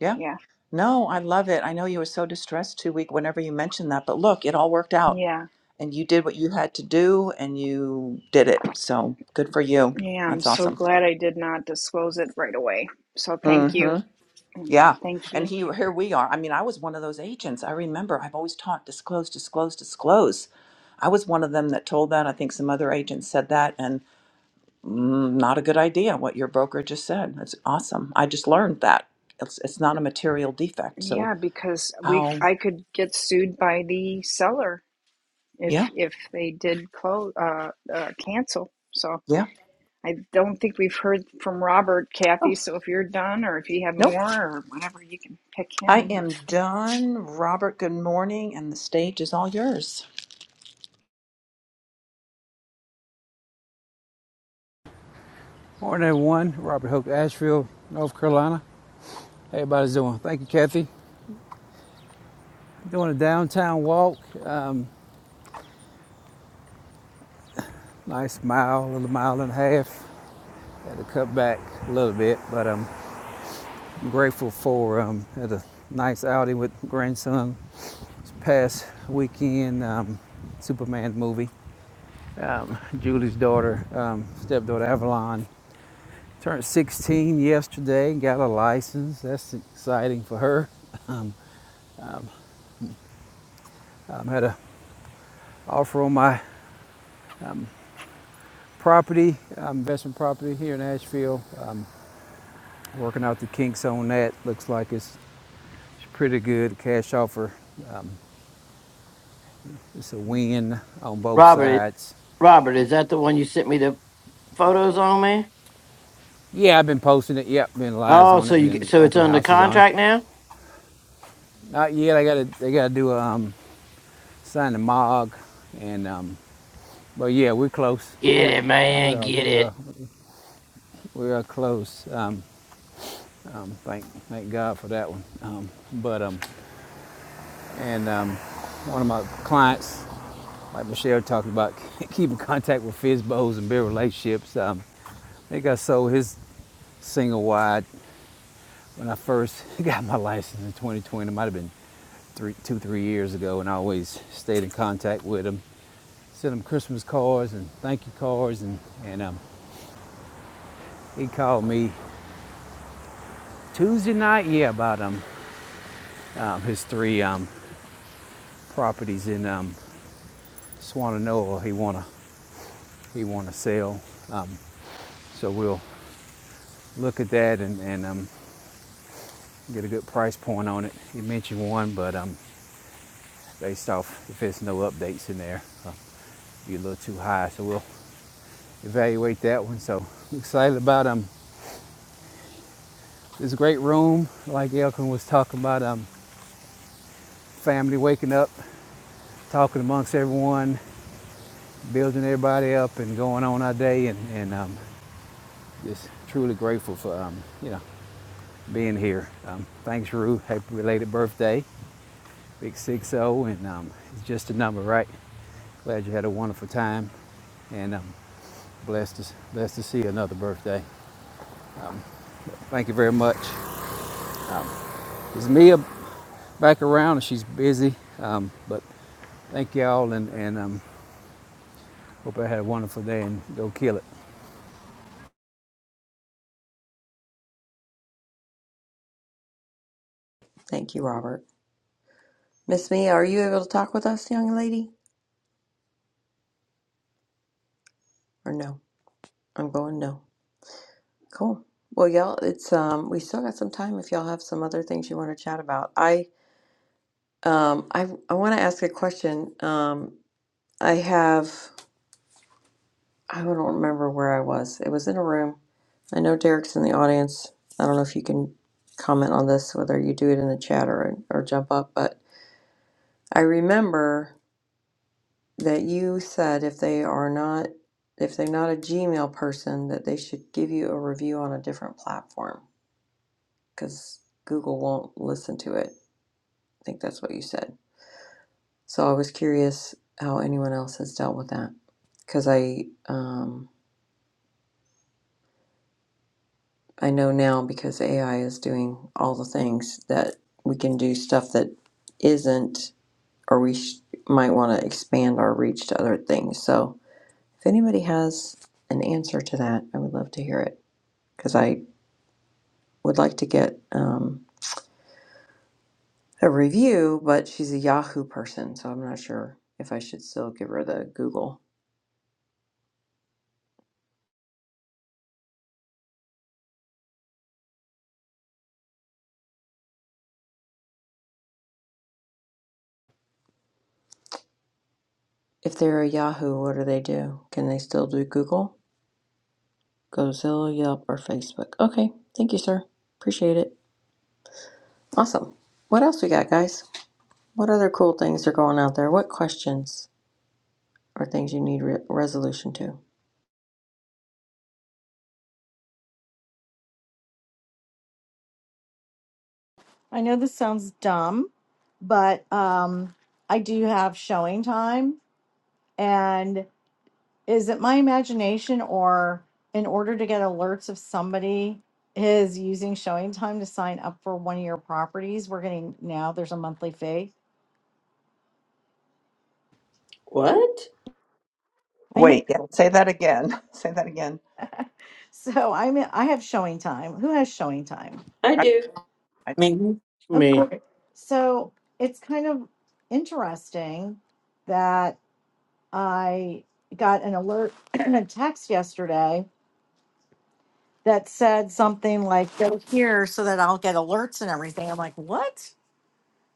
[SPEAKER 13] Yeah.
[SPEAKER 11] Yeah.
[SPEAKER 13] No, I love it. I know you were so distressed two week whenever you mentioned that, but look, it all worked out
[SPEAKER 11] Yeah.
[SPEAKER 13] and you did what you had to do and you did it. So good for you.
[SPEAKER 11] Yeah, I'm
[SPEAKER 13] That's
[SPEAKER 11] so
[SPEAKER 13] awesome.
[SPEAKER 11] glad I did not disclose it right away. So thank
[SPEAKER 13] hmm
[SPEAKER 11] you. And
[SPEAKER 13] Yeah.
[SPEAKER 11] thank
[SPEAKER 13] And
[SPEAKER 11] you.
[SPEAKER 13] he, here we are. I mean, I was one of those agents. I remember I've always taught disclose, disclose, disclose. I was one of them that told that. I think some other agents said that and mm, not a good idea what your broker just said. That's awesome. I just learned that. It's, it's not a material defect. So
[SPEAKER 11] Yeah, because we
[SPEAKER 13] How?
[SPEAKER 11] I could get sued by the seller if
[SPEAKER 13] Yeah,
[SPEAKER 11] if they did close uh, uh cancel. So
[SPEAKER 13] yeah.
[SPEAKER 11] I don't think we've heard from Robert, Kathy.
[SPEAKER 13] Oh,
[SPEAKER 11] So if you're done, or if you have
[SPEAKER 13] nope.
[SPEAKER 11] more, or whatever, you can pick
[SPEAKER 13] I
[SPEAKER 11] him.
[SPEAKER 13] am done. Robert, good morning, and the stage is all yours.
[SPEAKER 14] Morning, everyone. Robert Hook, Asheville, North Carolina. How everybody's doing? Thank you, Kathy. Doing a downtown walk. Um, nice mile, a little mile and a half. Had to cut back a little bit, but um, I'm grateful for um, had a nice outing with grandson this past weekend. Um, Superman movie. Um, Julie's daughter, um, stepdaughter Avalon, turned 16 yesterday. Got a license. That's exciting for her. Um, um, had a offer on my property, um, investment property here in Asheville. Um, working out the kinks on that. Looks like it's, it's pretty good. Cash offer. It's a win on both
[SPEAKER 10] Robert,
[SPEAKER 14] sides.
[SPEAKER 10] Robert, is that the one you sent me the photos on, man?
[SPEAKER 14] Yeah, I've been posting it. Yep, been lives
[SPEAKER 10] Oh,
[SPEAKER 14] on
[SPEAKER 10] so
[SPEAKER 14] it, and
[SPEAKER 10] you
[SPEAKER 14] then
[SPEAKER 10] so it's
[SPEAKER 14] open
[SPEAKER 10] under
[SPEAKER 14] houses on it.
[SPEAKER 10] contract now?
[SPEAKER 14] Not yet. I gotta, they gotta do a, um, sign the MOG, and um, but yeah, we're close. Yeah,
[SPEAKER 10] Get it,
[SPEAKER 14] we
[SPEAKER 10] man,
[SPEAKER 14] are,
[SPEAKER 10] get
[SPEAKER 14] we
[SPEAKER 10] it.
[SPEAKER 14] are, we are close. Um, um, thank, thank God for that one. Um, but um, and um, one of my clients like Michelle talked about, keeping contact with Fizbo's and build relationships. Um, I think I sold his single wide when I first got my license in 2020. It might have been three, two, three years ago, and I always stayed in contact with him. Sent him Christmas cards and thank you cards, and and um, he called me Tuesday night, yeah, about um, um his three um properties in um Swananoa he wanna he wanna sell. Um, so we'll look at that and and um, get a good price point on it. You mentioned one, but um, based off if there's no updates in there, uh, be a little too high. So we'll evaluate that one. So I'm excited about um this great room. Like Elkin was talking about, um, family waking up, talking amongst everyone, building everybody up, and going on our day, and and um, just truly grateful for um, you know being here. Um, thanks, Rue. Happy related birthday. Big six zero, and um, it's just a number, right? Glad you had a wonderful time, and I'm um, blessed, to, blessed to see another birthday. Thank you very much. It's Mia back around? and She's busy, um, but thank y'all, and, and um, hope I had a wonderful day and go kill it.
[SPEAKER 1] Thank you, Robert. Miss Mia, are you able to talk with us, young lady? Or no? I'm going no. Cool. Well, y'all, it's um we still got some time if y'all have some other things you want to chat about. I um I I want to ask a question. Um I have I don't remember where I was. It was in a room. I know Derek's in the audience. I don't know if you can comment on this, whether you do it in the chat or or jump up, but I remember that you said if they are not if they're not a Gmail person that they should give you a review on a different platform cuz Google won't listen to it. I think that's what you said. So I was curious how anyone else has dealt with that cuz I um I know now because AI is doing all the things that we can do stuff that isn't or we sh- might want to expand our reach to other things. So If anybody has an answer to that, I would love to hear it because I would like to get um, a review, but she's a Yahoo person, so I'm not sure if I should still give her the Google. If they're a Yahoo, what do they do? Can they still do Google, Gozilla, Yelp, or Facebook? Okay, thank you, sir. Appreciate it. Awesome. What else we got, guys? What other cool things are going out there? What questions or things you need re- resolution to?
[SPEAKER 9] I know this sounds dumb, but um, I do have showing time. And is it my imagination or in order to get alerts if somebody is using showing time to sign up for one of your properties, we're getting now there's a monthly fee.
[SPEAKER 1] What?
[SPEAKER 9] I
[SPEAKER 13] Wait, yeah.
[SPEAKER 9] know.
[SPEAKER 13] Say that again. Say that again.
[SPEAKER 9] So I'm I have showing time. Who has showing time?
[SPEAKER 1] I
[SPEAKER 13] I,
[SPEAKER 1] do.
[SPEAKER 13] I,
[SPEAKER 2] Maybe.
[SPEAKER 10] me.
[SPEAKER 9] Okay. So it's kind of interesting that I got an alert and a text yesterday that said something like, go here so that I'll get alerts and everything. I'm like, what?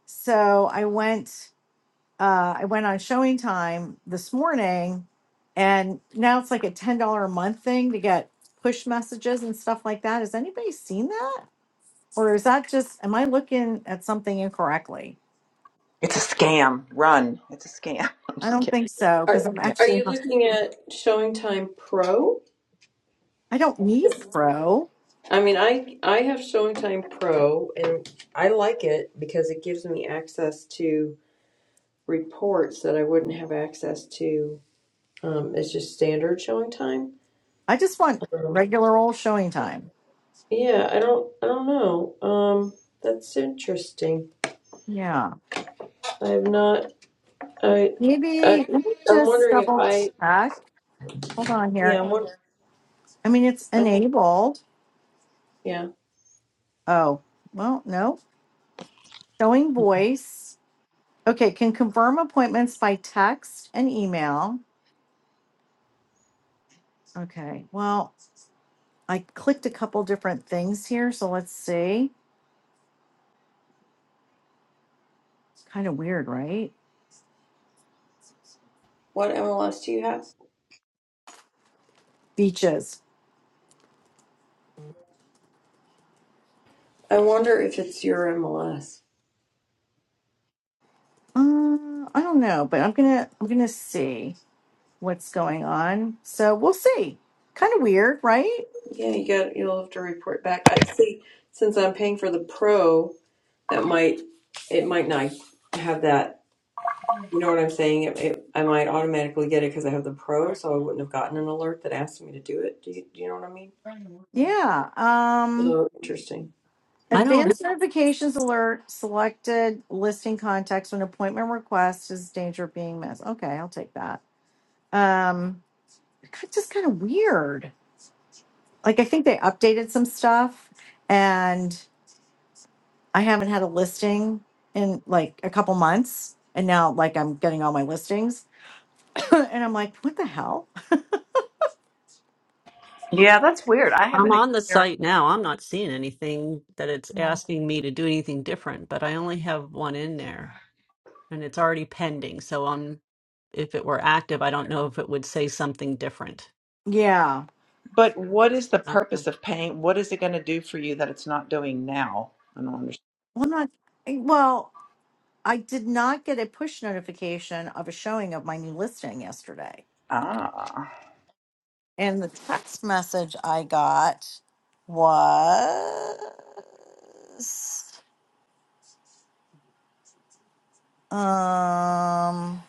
[SPEAKER 9] So I went, uh, I went on showing time this morning and now it's like a $10 a month thing to get push messages and stuff like that. Has anybody seen that? Or is that just, am I looking at something incorrectly?
[SPEAKER 13] it's a scam. Run. It's a scam. I'm
[SPEAKER 9] I
[SPEAKER 13] just
[SPEAKER 9] don't
[SPEAKER 13] kidding.
[SPEAKER 9] think so because
[SPEAKER 1] Are
[SPEAKER 9] I'm
[SPEAKER 13] Yeah.
[SPEAKER 1] are
[SPEAKER 9] actually
[SPEAKER 1] you
[SPEAKER 9] not-
[SPEAKER 1] looking at Showing Time Pro?
[SPEAKER 9] I don't need pro.
[SPEAKER 1] I mean, I I have Showing Time Pro and I like it because it gives me access to reports that I wouldn't have access to. Um, it's just standard Showing Time.
[SPEAKER 9] I just want
[SPEAKER 1] Um,
[SPEAKER 9] regular old showing time.
[SPEAKER 1] yeah, I don't I don't know. Um, that's interesting.
[SPEAKER 9] Yeah.
[SPEAKER 1] I have not. I, I
[SPEAKER 9] Maybe let me
[SPEAKER 1] I'm
[SPEAKER 9] just
[SPEAKER 1] wondering if
[SPEAKER 9] double
[SPEAKER 1] I.
[SPEAKER 9] check. Hold on
[SPEAKER 1] Yeah,
[SPEAKER 9] here.
[SPEAKER 1] I'm wondering.
[SPEAKER 9] I mean it's enabled.
[SPEAKER 1] Yeah.
[SPEAKER 9] Oh, well, no. Showing voice. Okay, can confirm appointments by text and email. Okay. Well, I clicked a couple different things here, so let's see. It's kind of weird, right?
[SPEAKER 1] What MLS do you have?
[SPEAKER 9] Beaches.
[SPEAKER 1] I wonder if it's your MLS.
[SPEAKER 9] Uh, I don't know, but I'm gonna I'm gonna see. what's going on. So we'll see. Kind of weird, right?
[SPEAKER 1] Yeah, you got you'll have to report back. I see since I'm paying for the pro, that might it might not have that. You know what I'm saying? It, it, I might automatically get it because I have the pro, so I wouldn't have gotten an alert that asked me to do it. Do you, do you know what I mean?
[SPEAKER 9] Yeah. Um
[SPEAKER 1] So interesting. Hmm.
[SPEAKER 2] I don't,
[SPEAKER 9] advanced notifications alert selected listing context when appointment request is danger of being missed. Okay, I'll take that. Um it's just kind of weird. Like I think they updated some stuff and I haven't had a listing in like a couple months and now like I'm getting all my listings and I'm like what the hell?
[SPEAKER 13] Yeah, that's weird. I
[SPEAKER 2] I'm
[SPEAKER 13] haven't
[SPEAKER 2] on the
[SPEAKER 13] experienced.
[SPEAKER 2] site now. I'm not seeing anything that it's
[SPEAKER 13] Yeah.
[SPEAKER 2] asking me to do anything different, but I only have one in there and it's already pending. So um, if it were active, I don't know if it would say something different.
[SPEAKER 9] Yeah.
[SPEAKER 13] But what is the
[SPEAKER 2] I don't know.
[SPEAKER 13] purpose of paying? What is it going to do for you that it's not doing now? I don't understand.
[SPEAKER 9] Well, I'm not eh, well. I did not get a push notification of a showing of my new listing yesterday.
[SPEAKER 13] Ah.
[SPEAKER 9] And the text message I got was um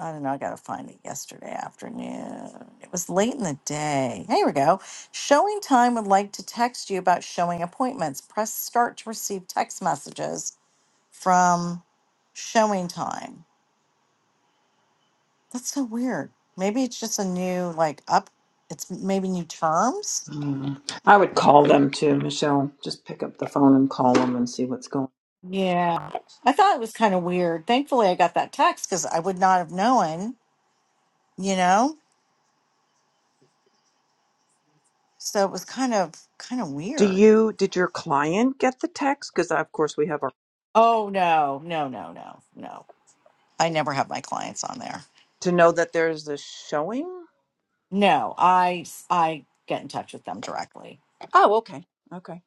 [SPEAKER 9] I don't know, I gotta find it yesterday afternoon. It was late in the day. Here we go. Showing time would like to text you about showing appointments. Press start to receive text messages from showing time. That's so weird. Maybe it's just a new like up. It's maybe new terms.
[SPEAKER 13] Hmm. I would call them too, Michelle. Just pick up the phone and call them and see what's going
[SPEAKER 9] Yeah, I thought it was kind of weird. Thankfully, I got that text because I would not have known. You know, so it was kind of kind of
[SPEAKER 13] Do
[SPEAKER 9] weird.
[SPEAKER 13] you did your client get the text? Because of course we have our
[SPEAKER 9] Oh no, no, no, no, no! I never have my clients on there.
[SPEAKER 13] to know that there's a showing.
[SPEAKER 9] No, I I get in touch with them directly.
[SPEAKER 13] Oh, okay. Okay.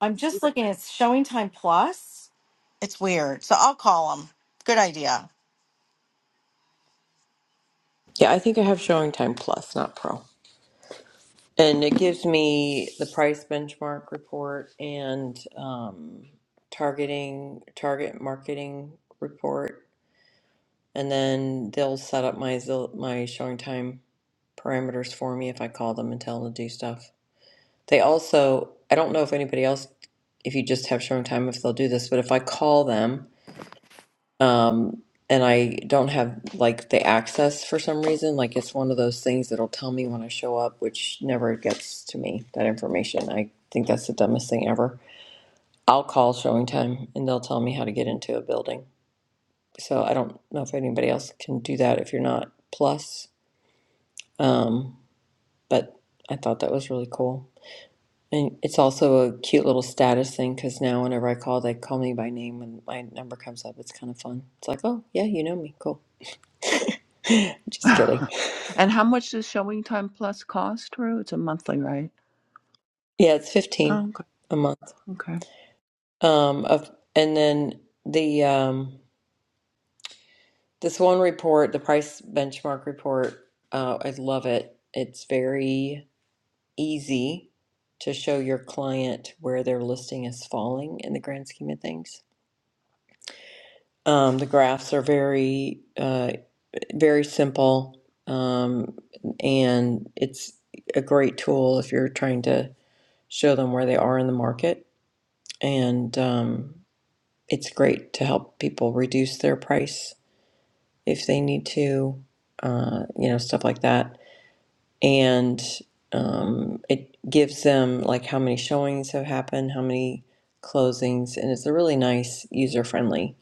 [SPEAKER 9] I'm just
[SPEAKER 13] Even-
[SPEAKER 9] looking. It's Showing Time Plus. It's weird. So I'll call them. Good idea.
[SPEAKER 1] Yeah, I think I have Showing Time Plus, not Pro, and it gives me the price benchmark report and um, targeting target marketing report, and then they'll set up my Zil- my Showing Time parameters for me if I call them and tell them to do stuff. They also, I don't know if anybody else, if you just have showing time, if they'll do this, but if I call them um, and I don't have like the access for some reason, like it's one of those things that'll tell me when I show up, which never gets to me, that information. I think that's the dumbest thing ever. I'll call showing time and they'll tell me how to get into a building. So I don't know if anybody else can do that if you're not plus. Um, but I thought that was really cool. And it's also a cute little status thing because now whenever I call, they call me by name and my number comes up. It's kind of fun. It's like, oh, yeah, you know me. Cool. Just kidding.
[SPEAKER 13] and how much does Showing Time Plus cost, Rue? It's a monthly, right?
[SPEAKER 1] Yeah, it's 15
[SPEAKER 13] Oh, okay.
[SPEAKER 1] a month.
[SPEAKER 13] Okay.
[SPEAKER 1] Um, of, and then the um, this one report, the price benchmark report, uh, I love it. It's very easy to show your client where their listing is falling in the grand scheme of things. Um, the graphs are very uh, very simple, um, and it's a great tool if you're trying to show them where they are in the market. And um, it's great to help people reduce their price if they need to, uh, you know, stuff like that. And um, it gives them like how many showings have happened, how many closings, and it's a really nice user friendly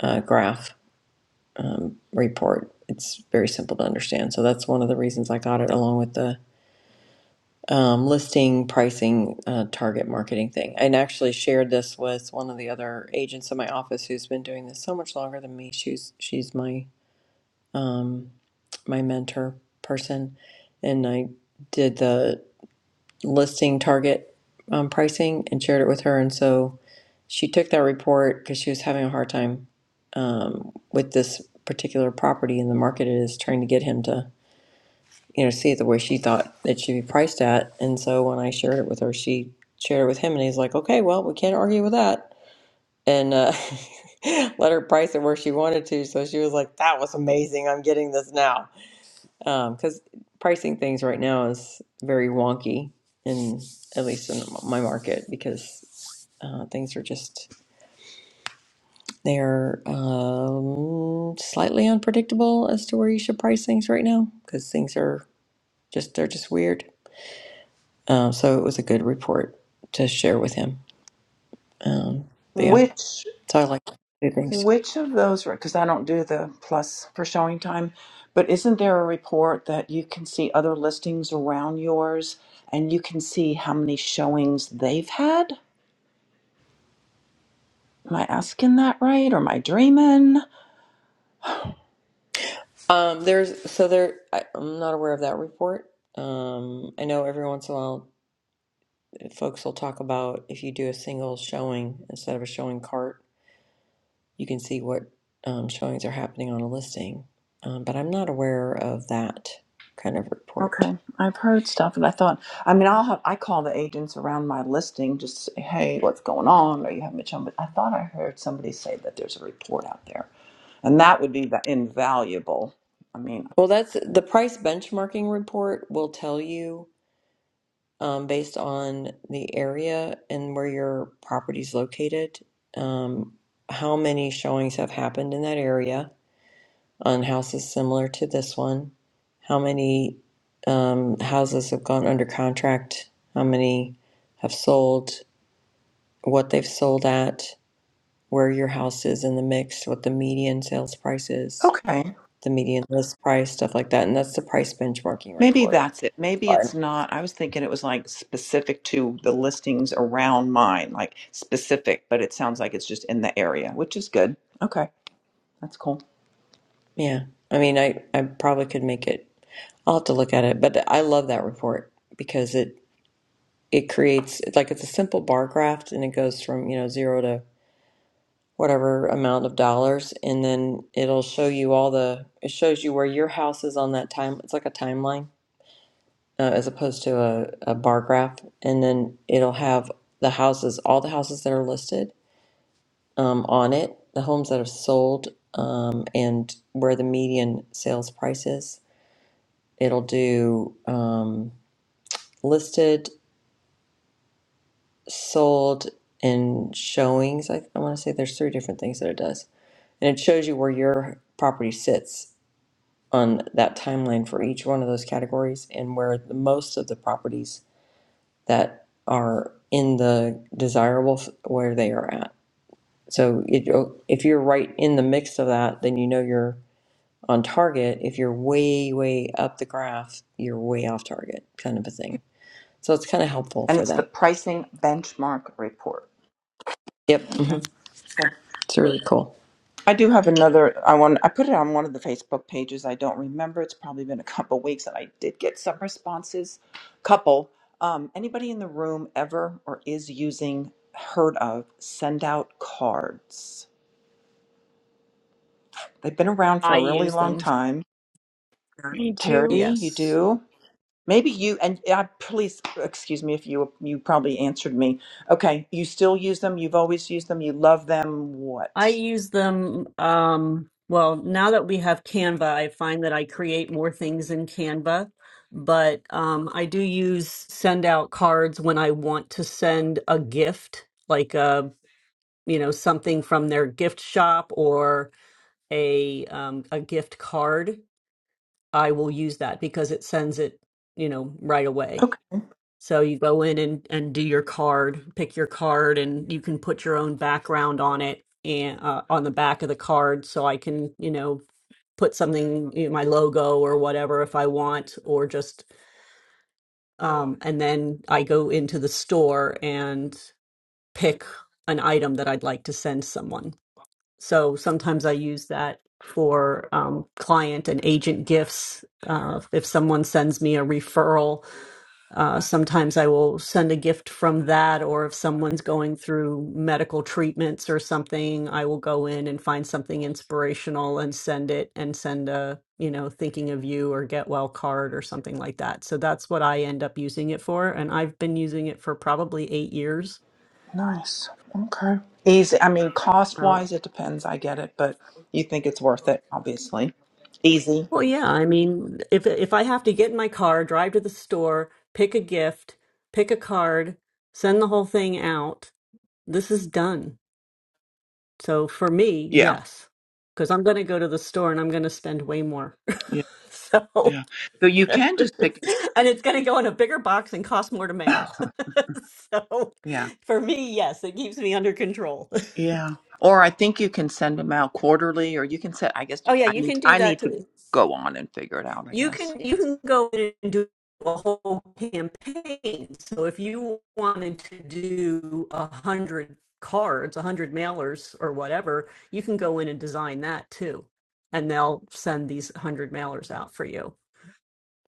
[SPEAKER 1] uh, graph um, report. It's very simple to understand. So that's one of the reasons I got it, along with the um, listing, pricing, uh, target marketing thing. And actually shared this with one of the other agents in my office who's been doing this so much longer than me. She's she's my um, my mentor person, and I did the listing target um, pricing and shared it with her. And so she took that report because she was having a hard time um, with this particular property in the market it is trying to get him to you know see it the way she thought it should be priced at. And so when I shared it with her, she shared it with him, and he's like, "Okay, well, we can't argue with that," and uh, let her price it where she wanted to. So she was like, "That was amazing. I'm getting this now." because um, pricing things right now is very wonky in at least in my market because uh, things are just they're um, slightly unpredictable as to where you should price things right now because things are just they're just weird. Uh, so it was a good report to share with him. Um, but yeah,
[SPEAKER 13] Which
[SPEAKER 1] so I like to do things.
[SPEAKER 13] which of those? Because I don't do the plus for showing time, but isn't there a report that you can see other listings around yours and you can see how many showings they've had? Am I asking that right, or am I dreaming?
[SPEAKER 1] Um, there's so there. I, I'm not aware of that report. Um, I know every once in a while folks will talk about if you do a single showing instead of a showing cart, you can see what um, showings are happening on a listing. Um, but I'm not aware of that kind of report.
[SPEAKER 13] Okay, I've heard stuff, and I thought, I mean, I'll have, I call the agents around my listing just to say, hey, what's going on? Are you having a on, but I thought I heard somebody say that there's a report out there, and that would be va- invaluable. I mean,
[SPEAKER 1] Well, that's the price benchmarking report will tell you um, based on the area and where your property is located, um, how many showings have happened in that area on houses similar to this one? How many um, houses have gone under contract? How many have sold? What they've sold at? Where your house is in the mix? What the median sales price is?
[SPEAKER 13] okay,
[SPEAKER 1] The median list price, stuff like that, and that's the price benchmarking
[SPEAKER 13] maybe
[SPEAKER 1] report.
[SPEAKER 13] that's it. Maybe
[SPEAKER 1] Fine.
[SPEAKER 13] it's not. I was thinking it was like specific to the listings around mine, like specific, but it sounds like it's just in the area, which is good. Okay, that's cool.
[SPEAKER 1] Yeah, I mean, I I probably could make it. I'll have to look at it, but I love that report because it it creates it's like it's a simple bar graph and it goes from you know zero to whatever amount of dollars and then it'll show you all the it shows you where your house is on that time it's like a timeline uh, as opposed to a, a bar graph and then it'll have the houses all the houses that are listed um, on it the homes that have sold um, and where the median sales price is it'll do um, listed sold and showings i, I want to say there's three different things that it does and it shows you where your property sits on that timeline for each one of those categories and where the most of the properties that are in the desirable f- where they are at. So it, if you're right in the mix of that, then you know you're on target. If you're way, way up the graph, you're way off target, kind of a thing. So it's kind of helpful
[SPEAKER 13] And
[SPEAKER 1] for
[SPEAKER 13] it's the
[SPEAKER 1] that.
[SPEAKER 13] pricing benchmark report.
[SPEAKER 1] Yep, hmm
[SPEAKER 13] Okay, cool.
[SPEAKER 1] it's really cool.
[SPEAKER 13] I do have another. I want. I put it on one of the Facebook pages. I don't remember. It's probably been a couple weeks, and I did get some responses. Couple. Um, anybody in the room ever or is using heard of send out cards? They've been around for
[SPEAKER 2] I
[SPEAKER 13] a really
[SPEAKER 2] use
[SPEAKER 13] long
[SPEAKER 2] them.
[SPEAKER 13] time.
[SPEAKER 2] Sure.
[SPEAKER 11] Me
[SPEAKER 13] Terry,
[SPEAKER 11] too.
[SPEAKER 13] you
[SPEAKER 2] Yes.
[SPEAKER 13] do. Maybe you and uh, please excuse me if you you probably answered me. Okay, you still use them. You've always used them. You love them.
[SPEAKER 2] I
[SPEAKER 13] What?
[SPEAKER 2] use them. Um, well, now that we have Canva, I find that I create more things in Canva, but um, I do use send out cards when I want to send a gift, like a you know something from their gift shop or a um, a gift card. I will use that because it sends it you know right away. So you go in and, and do your card, pick your card, and you can put your own background on it and uh, on the back of the card. So I can, you know, put something, you know, my logo or whatever if I want, or just, um, and then I go into the store and pick an item that I'd like to send someone. So sometimes I use that for um, client and agent gifts. Uh, if someone sends me a referral uh, sometimes I will send a gift from that, or if someone's going through medical treatments or something, I will go in and find something inspirational and send it and send a, you know, thinking of you or get well card or something like that. So that's what I end up using it for. And I've been using it for probably eight years.
[SPEAKER 13] Nice. Okay. Easy. I mean, cost
[SPEAKER 2] Uh,
[SPEAKER 13] wise, it depends. I get it, but you think it's worth it, obviously. Easy.
[SPEAKER 2] well, yeah, I mean, if if I have to get in my car, drive to the store, pick a gift, pick a card, send the whole thing out, this is done So for me,
[SPEAKER 13] Yeah.
[SPEAKER 2] yes, because I'm going to go to the store and I'm going to spend way more.
[SPEAKER 13] Yeah.
[SPEAKER 2] so,
[SPEAKER 13] Yeah. So you can just pick.
[SPEAKER 2] and it's going to go in a bigger box and cost more to mail. so
[SPEAKER 13] Yeah.
[SPEAKER 2] for me, yes, it keeps me under control.
[SPEAKER 13] Yeah. Or I think you can send them out quarterly, or you can set. I guess
[SPEAKER 2] oh
[SPEAKER 13] you,
[SPEAKER 2] yeah,
[SPEAKER 13] I
[SPEAKER 2] you
[SPEAKER 13] need.
[SPEAKER 2] can do
[SPEAKER 13] I
[SPEAKER 2] that
[SPEAKER 13] need to
[SPEAKER 2] too.
[SPEAKER 13] go on and figure it out. I
[SPEAKER 2] You
[SPEAKER 13] guess.
[SPEAKER 2] can you can go in and do a whole campaign. So if you wanted to do a hundred cards, a hundred mailers or whatever, you can go in and design that too and they'll send these 100 mailers out for you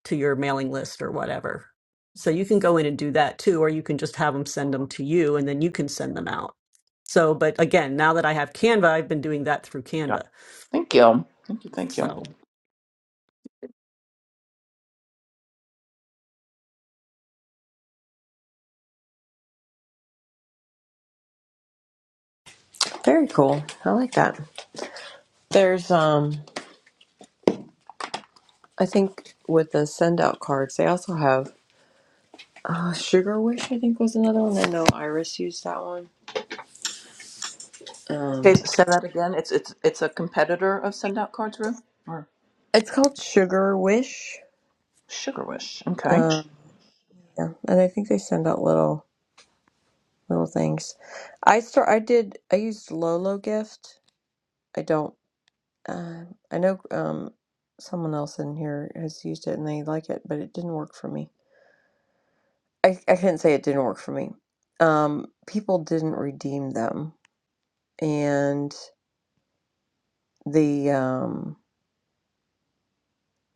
[SPEAKER 2] to your mailing list or whatever. So you can go in and do that too, or you can just have them send them to you and then you can send them out. So, but again, now that I have Canva, I've been doing that through
[SPEAKER 13] Yeah.
[SPEAKER 2] Canva.
[SPEAKER 13] Thank you. Thank you. Thank you.
[SPEAKER 2] So,
[SPEAKER 1] Very cool. I like that. There's, um, I think, with the send out cards, they also have. Uh, Sugar Wish, I think, was another one. I know Iris used that one. Um,
[SPEAKER 13] Say, say that again. It's it's it's a competitor of Send Out Cards Room or
[SPEAKER 1] it's called Sugar Wish.
[SPEAKER 13] Sugar Wish. Okay.
[SPEAKER 1] Um, yeah, and I think they send out little little things. I start. I did. I used Lolo Gift. I don't. Uh, I know um, someone else in here has used it and they like it, but it didn't work for me. I I couldn't say it didn't work for me. Um, people didn't redeem them, and the um,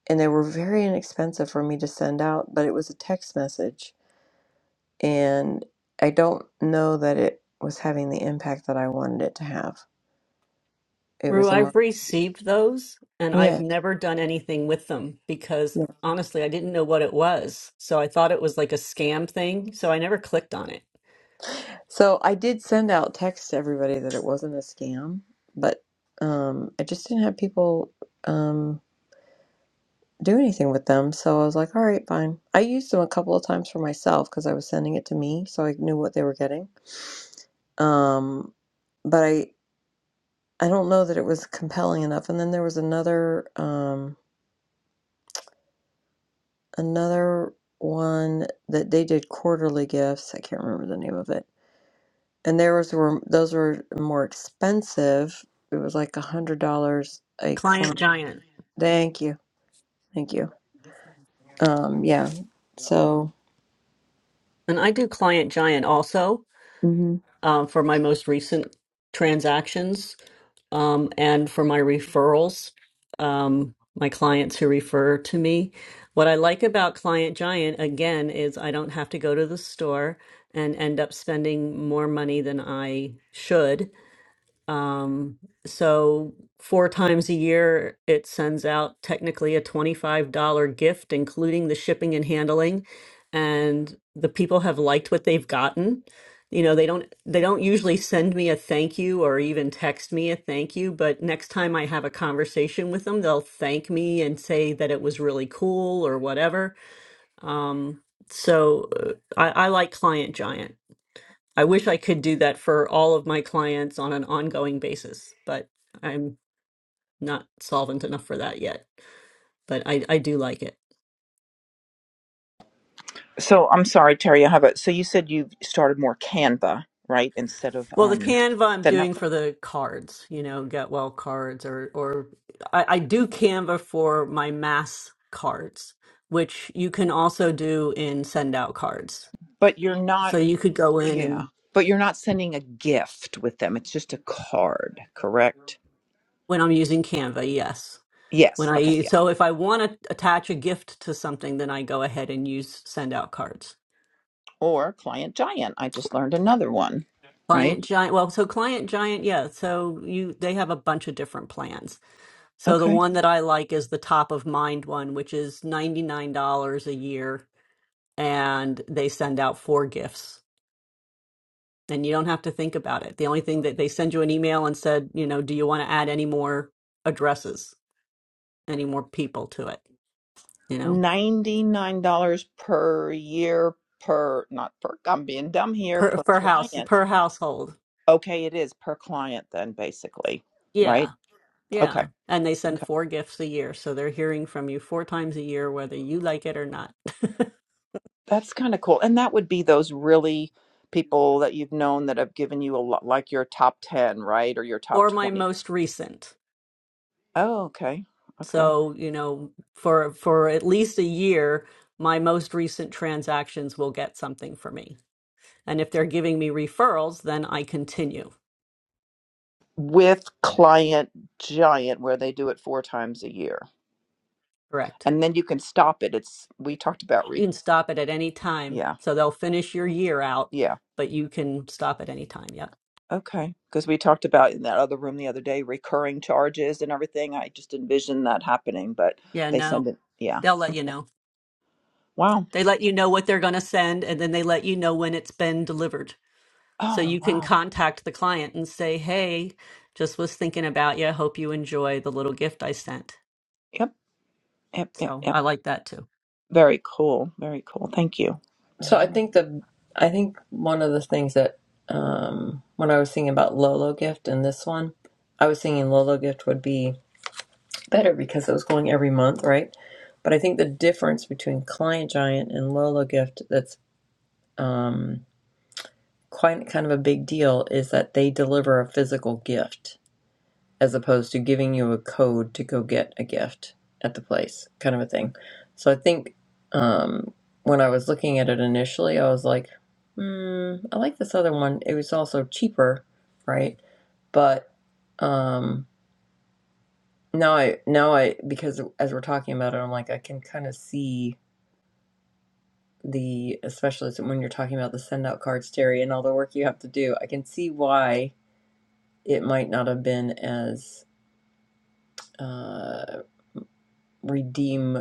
[SPEAKER 1] and they were very inexpensive for me to send out, but it was a text message. And I don't know that it was having the impact that I wanted it to have. It
[SPEAKER 2] Rue,
[SPEAKER 1] was a
[SPEAKER 2] I've
[SPEAKER 1] month.
[SPEAKER 2] received those and I've
[SPEAKER 1] Yeah.
[SPEAKER 2] never done anything with them because
[SPEAKER 1] Yeah.
[SPEAKER 2] honestly, I didn't know what it was. So I thought it was like a scam thing. So I never clicked on it.
[SPEAKER 1] So I did send out texts to everybody that it wasn't a scam, but um, I just didn't have people um, do anything with them. So I was like, all right, fine. I used them a couple of times for myself because I was sending it to me, so I knew what they were getting. Um, but I I don't know that it was compelling enough. And then there was another um, another one that they did quarterly gifts. I can't remember the name of it. And there was were those were more expensive. It was like a hundred dollars a
[SPEAKER 2] Client
[SPEAKER 1] client.
[SPEAKER 2] Giant.
[SPEAKER 1] Thank you, thank you. Um, yeah. So
[SPEAKER 2] And I do Client Giant also
[SPEAKER 1] hmm
[SPEAKER 2] um, for my most recent transactions um, and for my referrals, um, my clients who refer to me. What I like about Client Giant, again, is I don't have to go to the store and end up spending more money than I should Um, so four times a year, it sends out technically a $25 gift, including the shipping and handling. And the people have liked what they've gotten. You know, they don't they don't usually send me a thank you or even text me a thank you, but next time I have a conversation with them, they'll thank me and say that it was really cool or whatever. Um, so uh, I, I like Client Giant. I wish I could do that for all of my clients on an ongoing basis, but I'm not solvent enough for that yet. But I, I do like it.
[SPEAKER 13] So I'm sorry, Terry. I have a. So you said you started more Canva, right, instead of
[SPEAKER 2] Well, the
[SPEAKER 13] um
[SPEAKER 2] Canva I'm
[SPEAKER 13] sending out.
[SPEAKER 2] doing
[SPEAKER 13] card-
[SPEAKER 2] for the cards, you know, get well cards, or or I, I do Canva for my mass cards, which you can also do in send out cards.
[SPEAKER 13] But you're not.
[SPEAKER 2] So you could go in
[SPEAKER 13] Yeah.
[SPEAKER 2] and
[SPEAKER 13] But you're not sending a gift with them. It's just a card, correct?
[SPEAKER 2] when I'm using Canva, yes. When
[SPEAKER 13] Yes. Okay.
[SPEAKER 2] I
[SPEAKER 13] Yeah.
[SPEAKER 2] so if I want to attach a gift to something, then I go ahead and use send out cards.
[SPEAKER 13] Or Client Giant. I just learned another one. Right.
[SPEAKER 2] Client Giant, well, so Client Giant, yeah. So you they have a bunch of different plans. So the
[SPEAKER 13] Okay.
[SPEAKER 2] one that I like is the top of mind one, which is $99 a year and they send out four gifts and you don't have to think about it. The only thing that they send you an email and said, you know, do you want to add any more addresses, any more people to it, you know,
[SPEAKER 13] Ninety-nine dollars per year per not per. I'm being dumb here
[SPEAKER 2] per
[SPEAKER 13] per
[SPEAKER 2] per house,
[SPEAKER 13] client.
[SPEAKER 2] per household.
[SPEAKER 13] Okay, it is per client then, basically.
[SPEAKER 2] Yeah.
[SPEAKER 13] Right. Okay.
[SPEAKER 2] Yeah. And they send
[SPEAKER 13] okay.
[SPEAKER 2] four gifts a year. So they're hearing from you four times a year, whether you like it or not.
[SPEAKER 13] That's kind of cool. And that would be those really people that you've known that have given you a lot, like your top 10, right? Or your top
[SPEAKER 2] or my
[SPEAKER 13] 20.
[SPEAKER 2] most recent.
[SPEAKER 13] Oh, okay. Okay.
[SPEAKER 2] So, you know, for for at least a year, my most recent transactions will get something for me. And if they're giving me referrals, then I continue.
[SPEAKER 13] With Client Giant, where they do it four times a year.
[SPEAKER 2] Correct.
[SPEAKER 13] And then you can stop it. It's, we talked about,
[SPEAKER 2] You
[SPEAKER 13] re-
[SPEAKER 2] can stop it at any time.
[SPEAKER 13] yeah,
[SPEAKER 2] So they'll finish your year out,
[SPEAKER 13] yeah.
[SPEAKER 2] but you can stop at any time. Yep.
[SPEAKER 13] Okay. Because we talked about in that other room the other day, recurring charges and everything. I just envisioned that happening, but
[SPEAKER 2] Yeah,
[SPEAKER 13] they send
[SPEAKER 2] no.
[SPEAKER 13] it. Yeah.
[SPEAKER 2] They'll let you know.
[SPEAKER 13] Wow.
[SPEAKER 2] They let you know what they're going to send and then they let you know when it's been delivered. So
[SPEAKER 13] Oh,
[SPEAKER 2] you can
[SPEAKER 13] wow.
[SPEAKER 2] contact the client and say, hey, just was thinking about you. Hope you enjoy the little gift I sent.
[SPEAKER 13] Yep. Yep. Yep.
[SPEAKER 2] So
[SPEAKER 13] Yep.
[SPEAKER 2] I like that too.
[SPEAKER 13] Very cool. Very cool. Thank you.
[SPEAKER 1] so
[SPEAKER 2] Mm-hmm.
[SPEAKER 1] I think the I think one of the things that um, when I was thinking about Lolo gift and this one, I was thinking Lolo gift would be better because it was going every month, right? But I think the difference between Client Giant and Lolo Gift that's um, quite kind of a big deal is that they deliver a physical gift as opposed to giving you a code to go get a gift at the place, kind of a thing. So I think um, when I was looking at it initially, I was like, hmm, I like this other one. It was also cheaper, right? But um, Now I now I because as we're talking about it, I'm like I can kind of see the especially when you're talking about the send out cards, Terry, and all the work you have to do. I can see why it might not have been as uh, redeem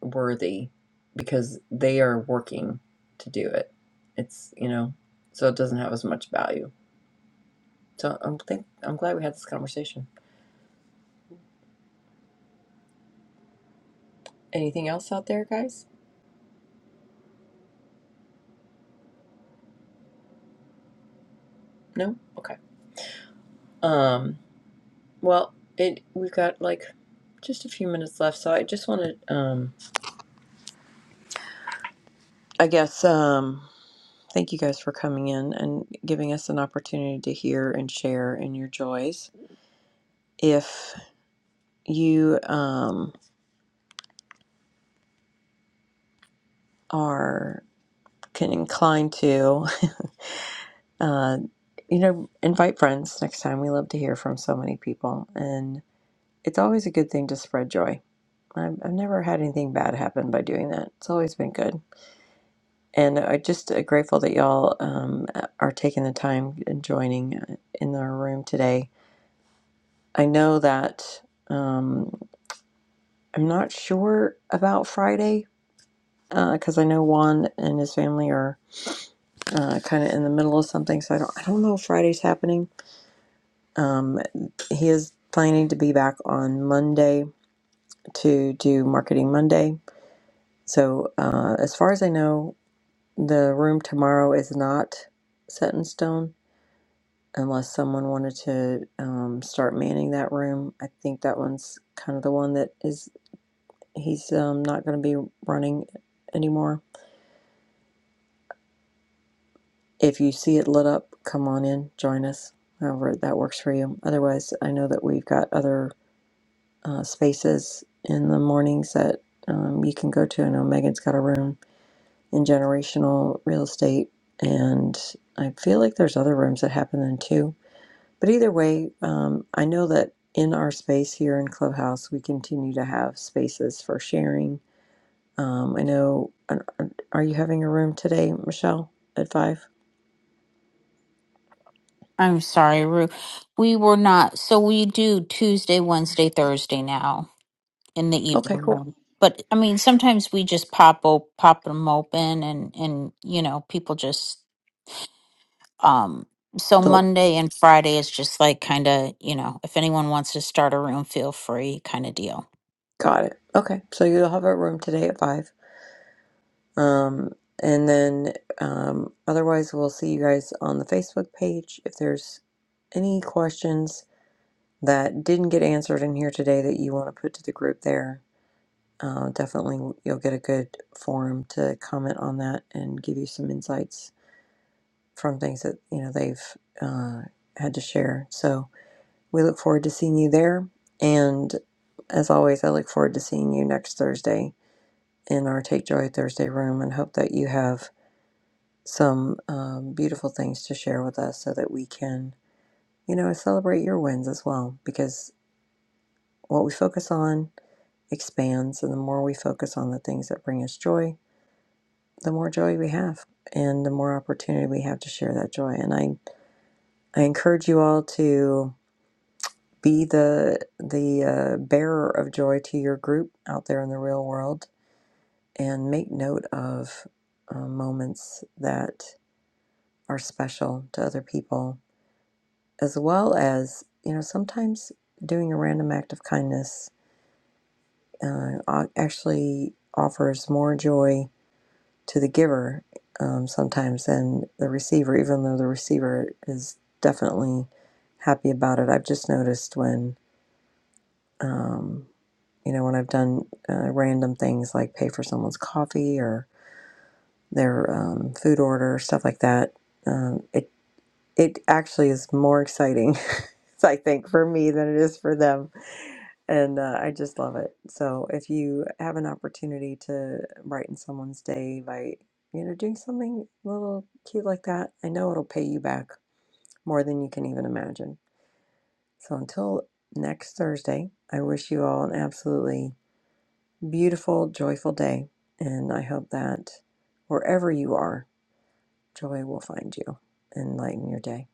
[SPEAKER 1] worthy because they are working to do it. It's you know so it doesn't have as much value. So I'm think I'm glad we had this conversation. Anything else out there, guys? No. Okay. Um. Well, it we've got like just a few minutes left, so I just want to, um, I guess, um, thank you guys for coming in and giving us an opportunity to hear and share in your joys. If you um, are can inclined to, uh, you know, invite friends next time. We love to hear from so many people, and it's always a good thing to spread joy. I've, I've never had anything bad happen by doing that. It's always been good. And I just uh, grateful that y'all um, are taking the time and joining uh, in our room today. I know that um, I'm not sure about Friday because I know Juan and his family are uh, kind of in the middle of something, so I don't I don't know if Friday's happening. Um, he is planning to be back on Monday to do Marketing Monday. So uh, as far as I know, the room tomorrow is not set in stone unless someone wanted to um, start manning that room. I think that one's kind of the one that is he's um, not going to be running anymore. If you see it lit up, come on in, join us, however that works for you. Otherwise, I know that we've got other uh, spaces in the mornings that um, you can go to. I know Megan's got a room in generational real estate, and I feel like there's other rooms that happen then too But either way, um, I know that in our space here in Clubhouse, we continue to have spaces for sharing. Um, I know, are are you having a room today, Michelle, at five?
[SPEAKER 5] I'm sorry, Rue. We were not. So we do Tuesday, Wednesday, Thursday now in the
[SPEAKER 1] Okay,
[SPEAKER 5] evening.
[SPEAKER 1] cool.
[SPEAKER 5] room. But I mean, sometimes we just pop op- pop them open, and and you know, people just Um, so
[SPEAKER 1] So,
[SPEAKER 5] Monday and Friday is just like kind of, you know, if anyone wants to start a room, feel free kind of deal.
[SPEAKER 1] got it. Okay, so you'll have a room today at five. Um, and then um, otherwise, we'll see you guys on the Facebook page. If there's any questions that didn't get answered in here today that you want to put to the group there, Uh, definitely, you'll get a good forum to comment on that and give you some insights from things that you know they've uh, had to share. So we look forward to seeing you there, and as always, I look forward to seeing you next Thursday in our Take Joy Thursday room, and hope that you have some um, beautiful things to share with us so that we can you know celebrate your wins as well because what we focus on expands and the more we focus on the things that bring us joy the more joy we have and the more opportunity we have to share that joy and i i encourage you all to be the the uh, bearer of joy to your group out there in the real world and make note of uh, moments that are special to other people as well as you know sometimes doing a random act of kindness uh, actually offers more joy to the giver um, sometimes than the receiver, even though the receiver is definitely happy about it. I've just noticed when, um, you know, when I've done uh, random things like pay for someone's coffee or their um, food order, stuff like that, um, it it actually is more exciting I think for me than it is for them. And uh, I just love it. So if you have an opportunity to brighten someone's day by, you know, doing something a little cute like that, I know it'll pay you back more than you can even imagine. So until next Thursday, I wish you all an absolutely beautiful, joyful day. And I hope that wherever you are, joy will find you and lighten your day.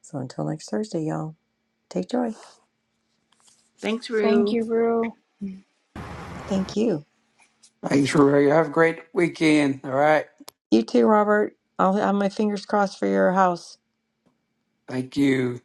[SPEAKER 1] So until next Thursday, y'all, take joy.
[SPEAKER 13] Thanks,
[SPEAKER 11] Thank
[SPEAKER 13] Rue.
[SPEAKER 11] you, Rue.
[SPEAKER 1] Thank you.
[SPEAKER 14] Thanks, Ray. Have a great weekend. All right.
[SPEAKER 1] You too, Robert. I'll have my fingers crossed for your house.
[SPEAKER 14] Thank you.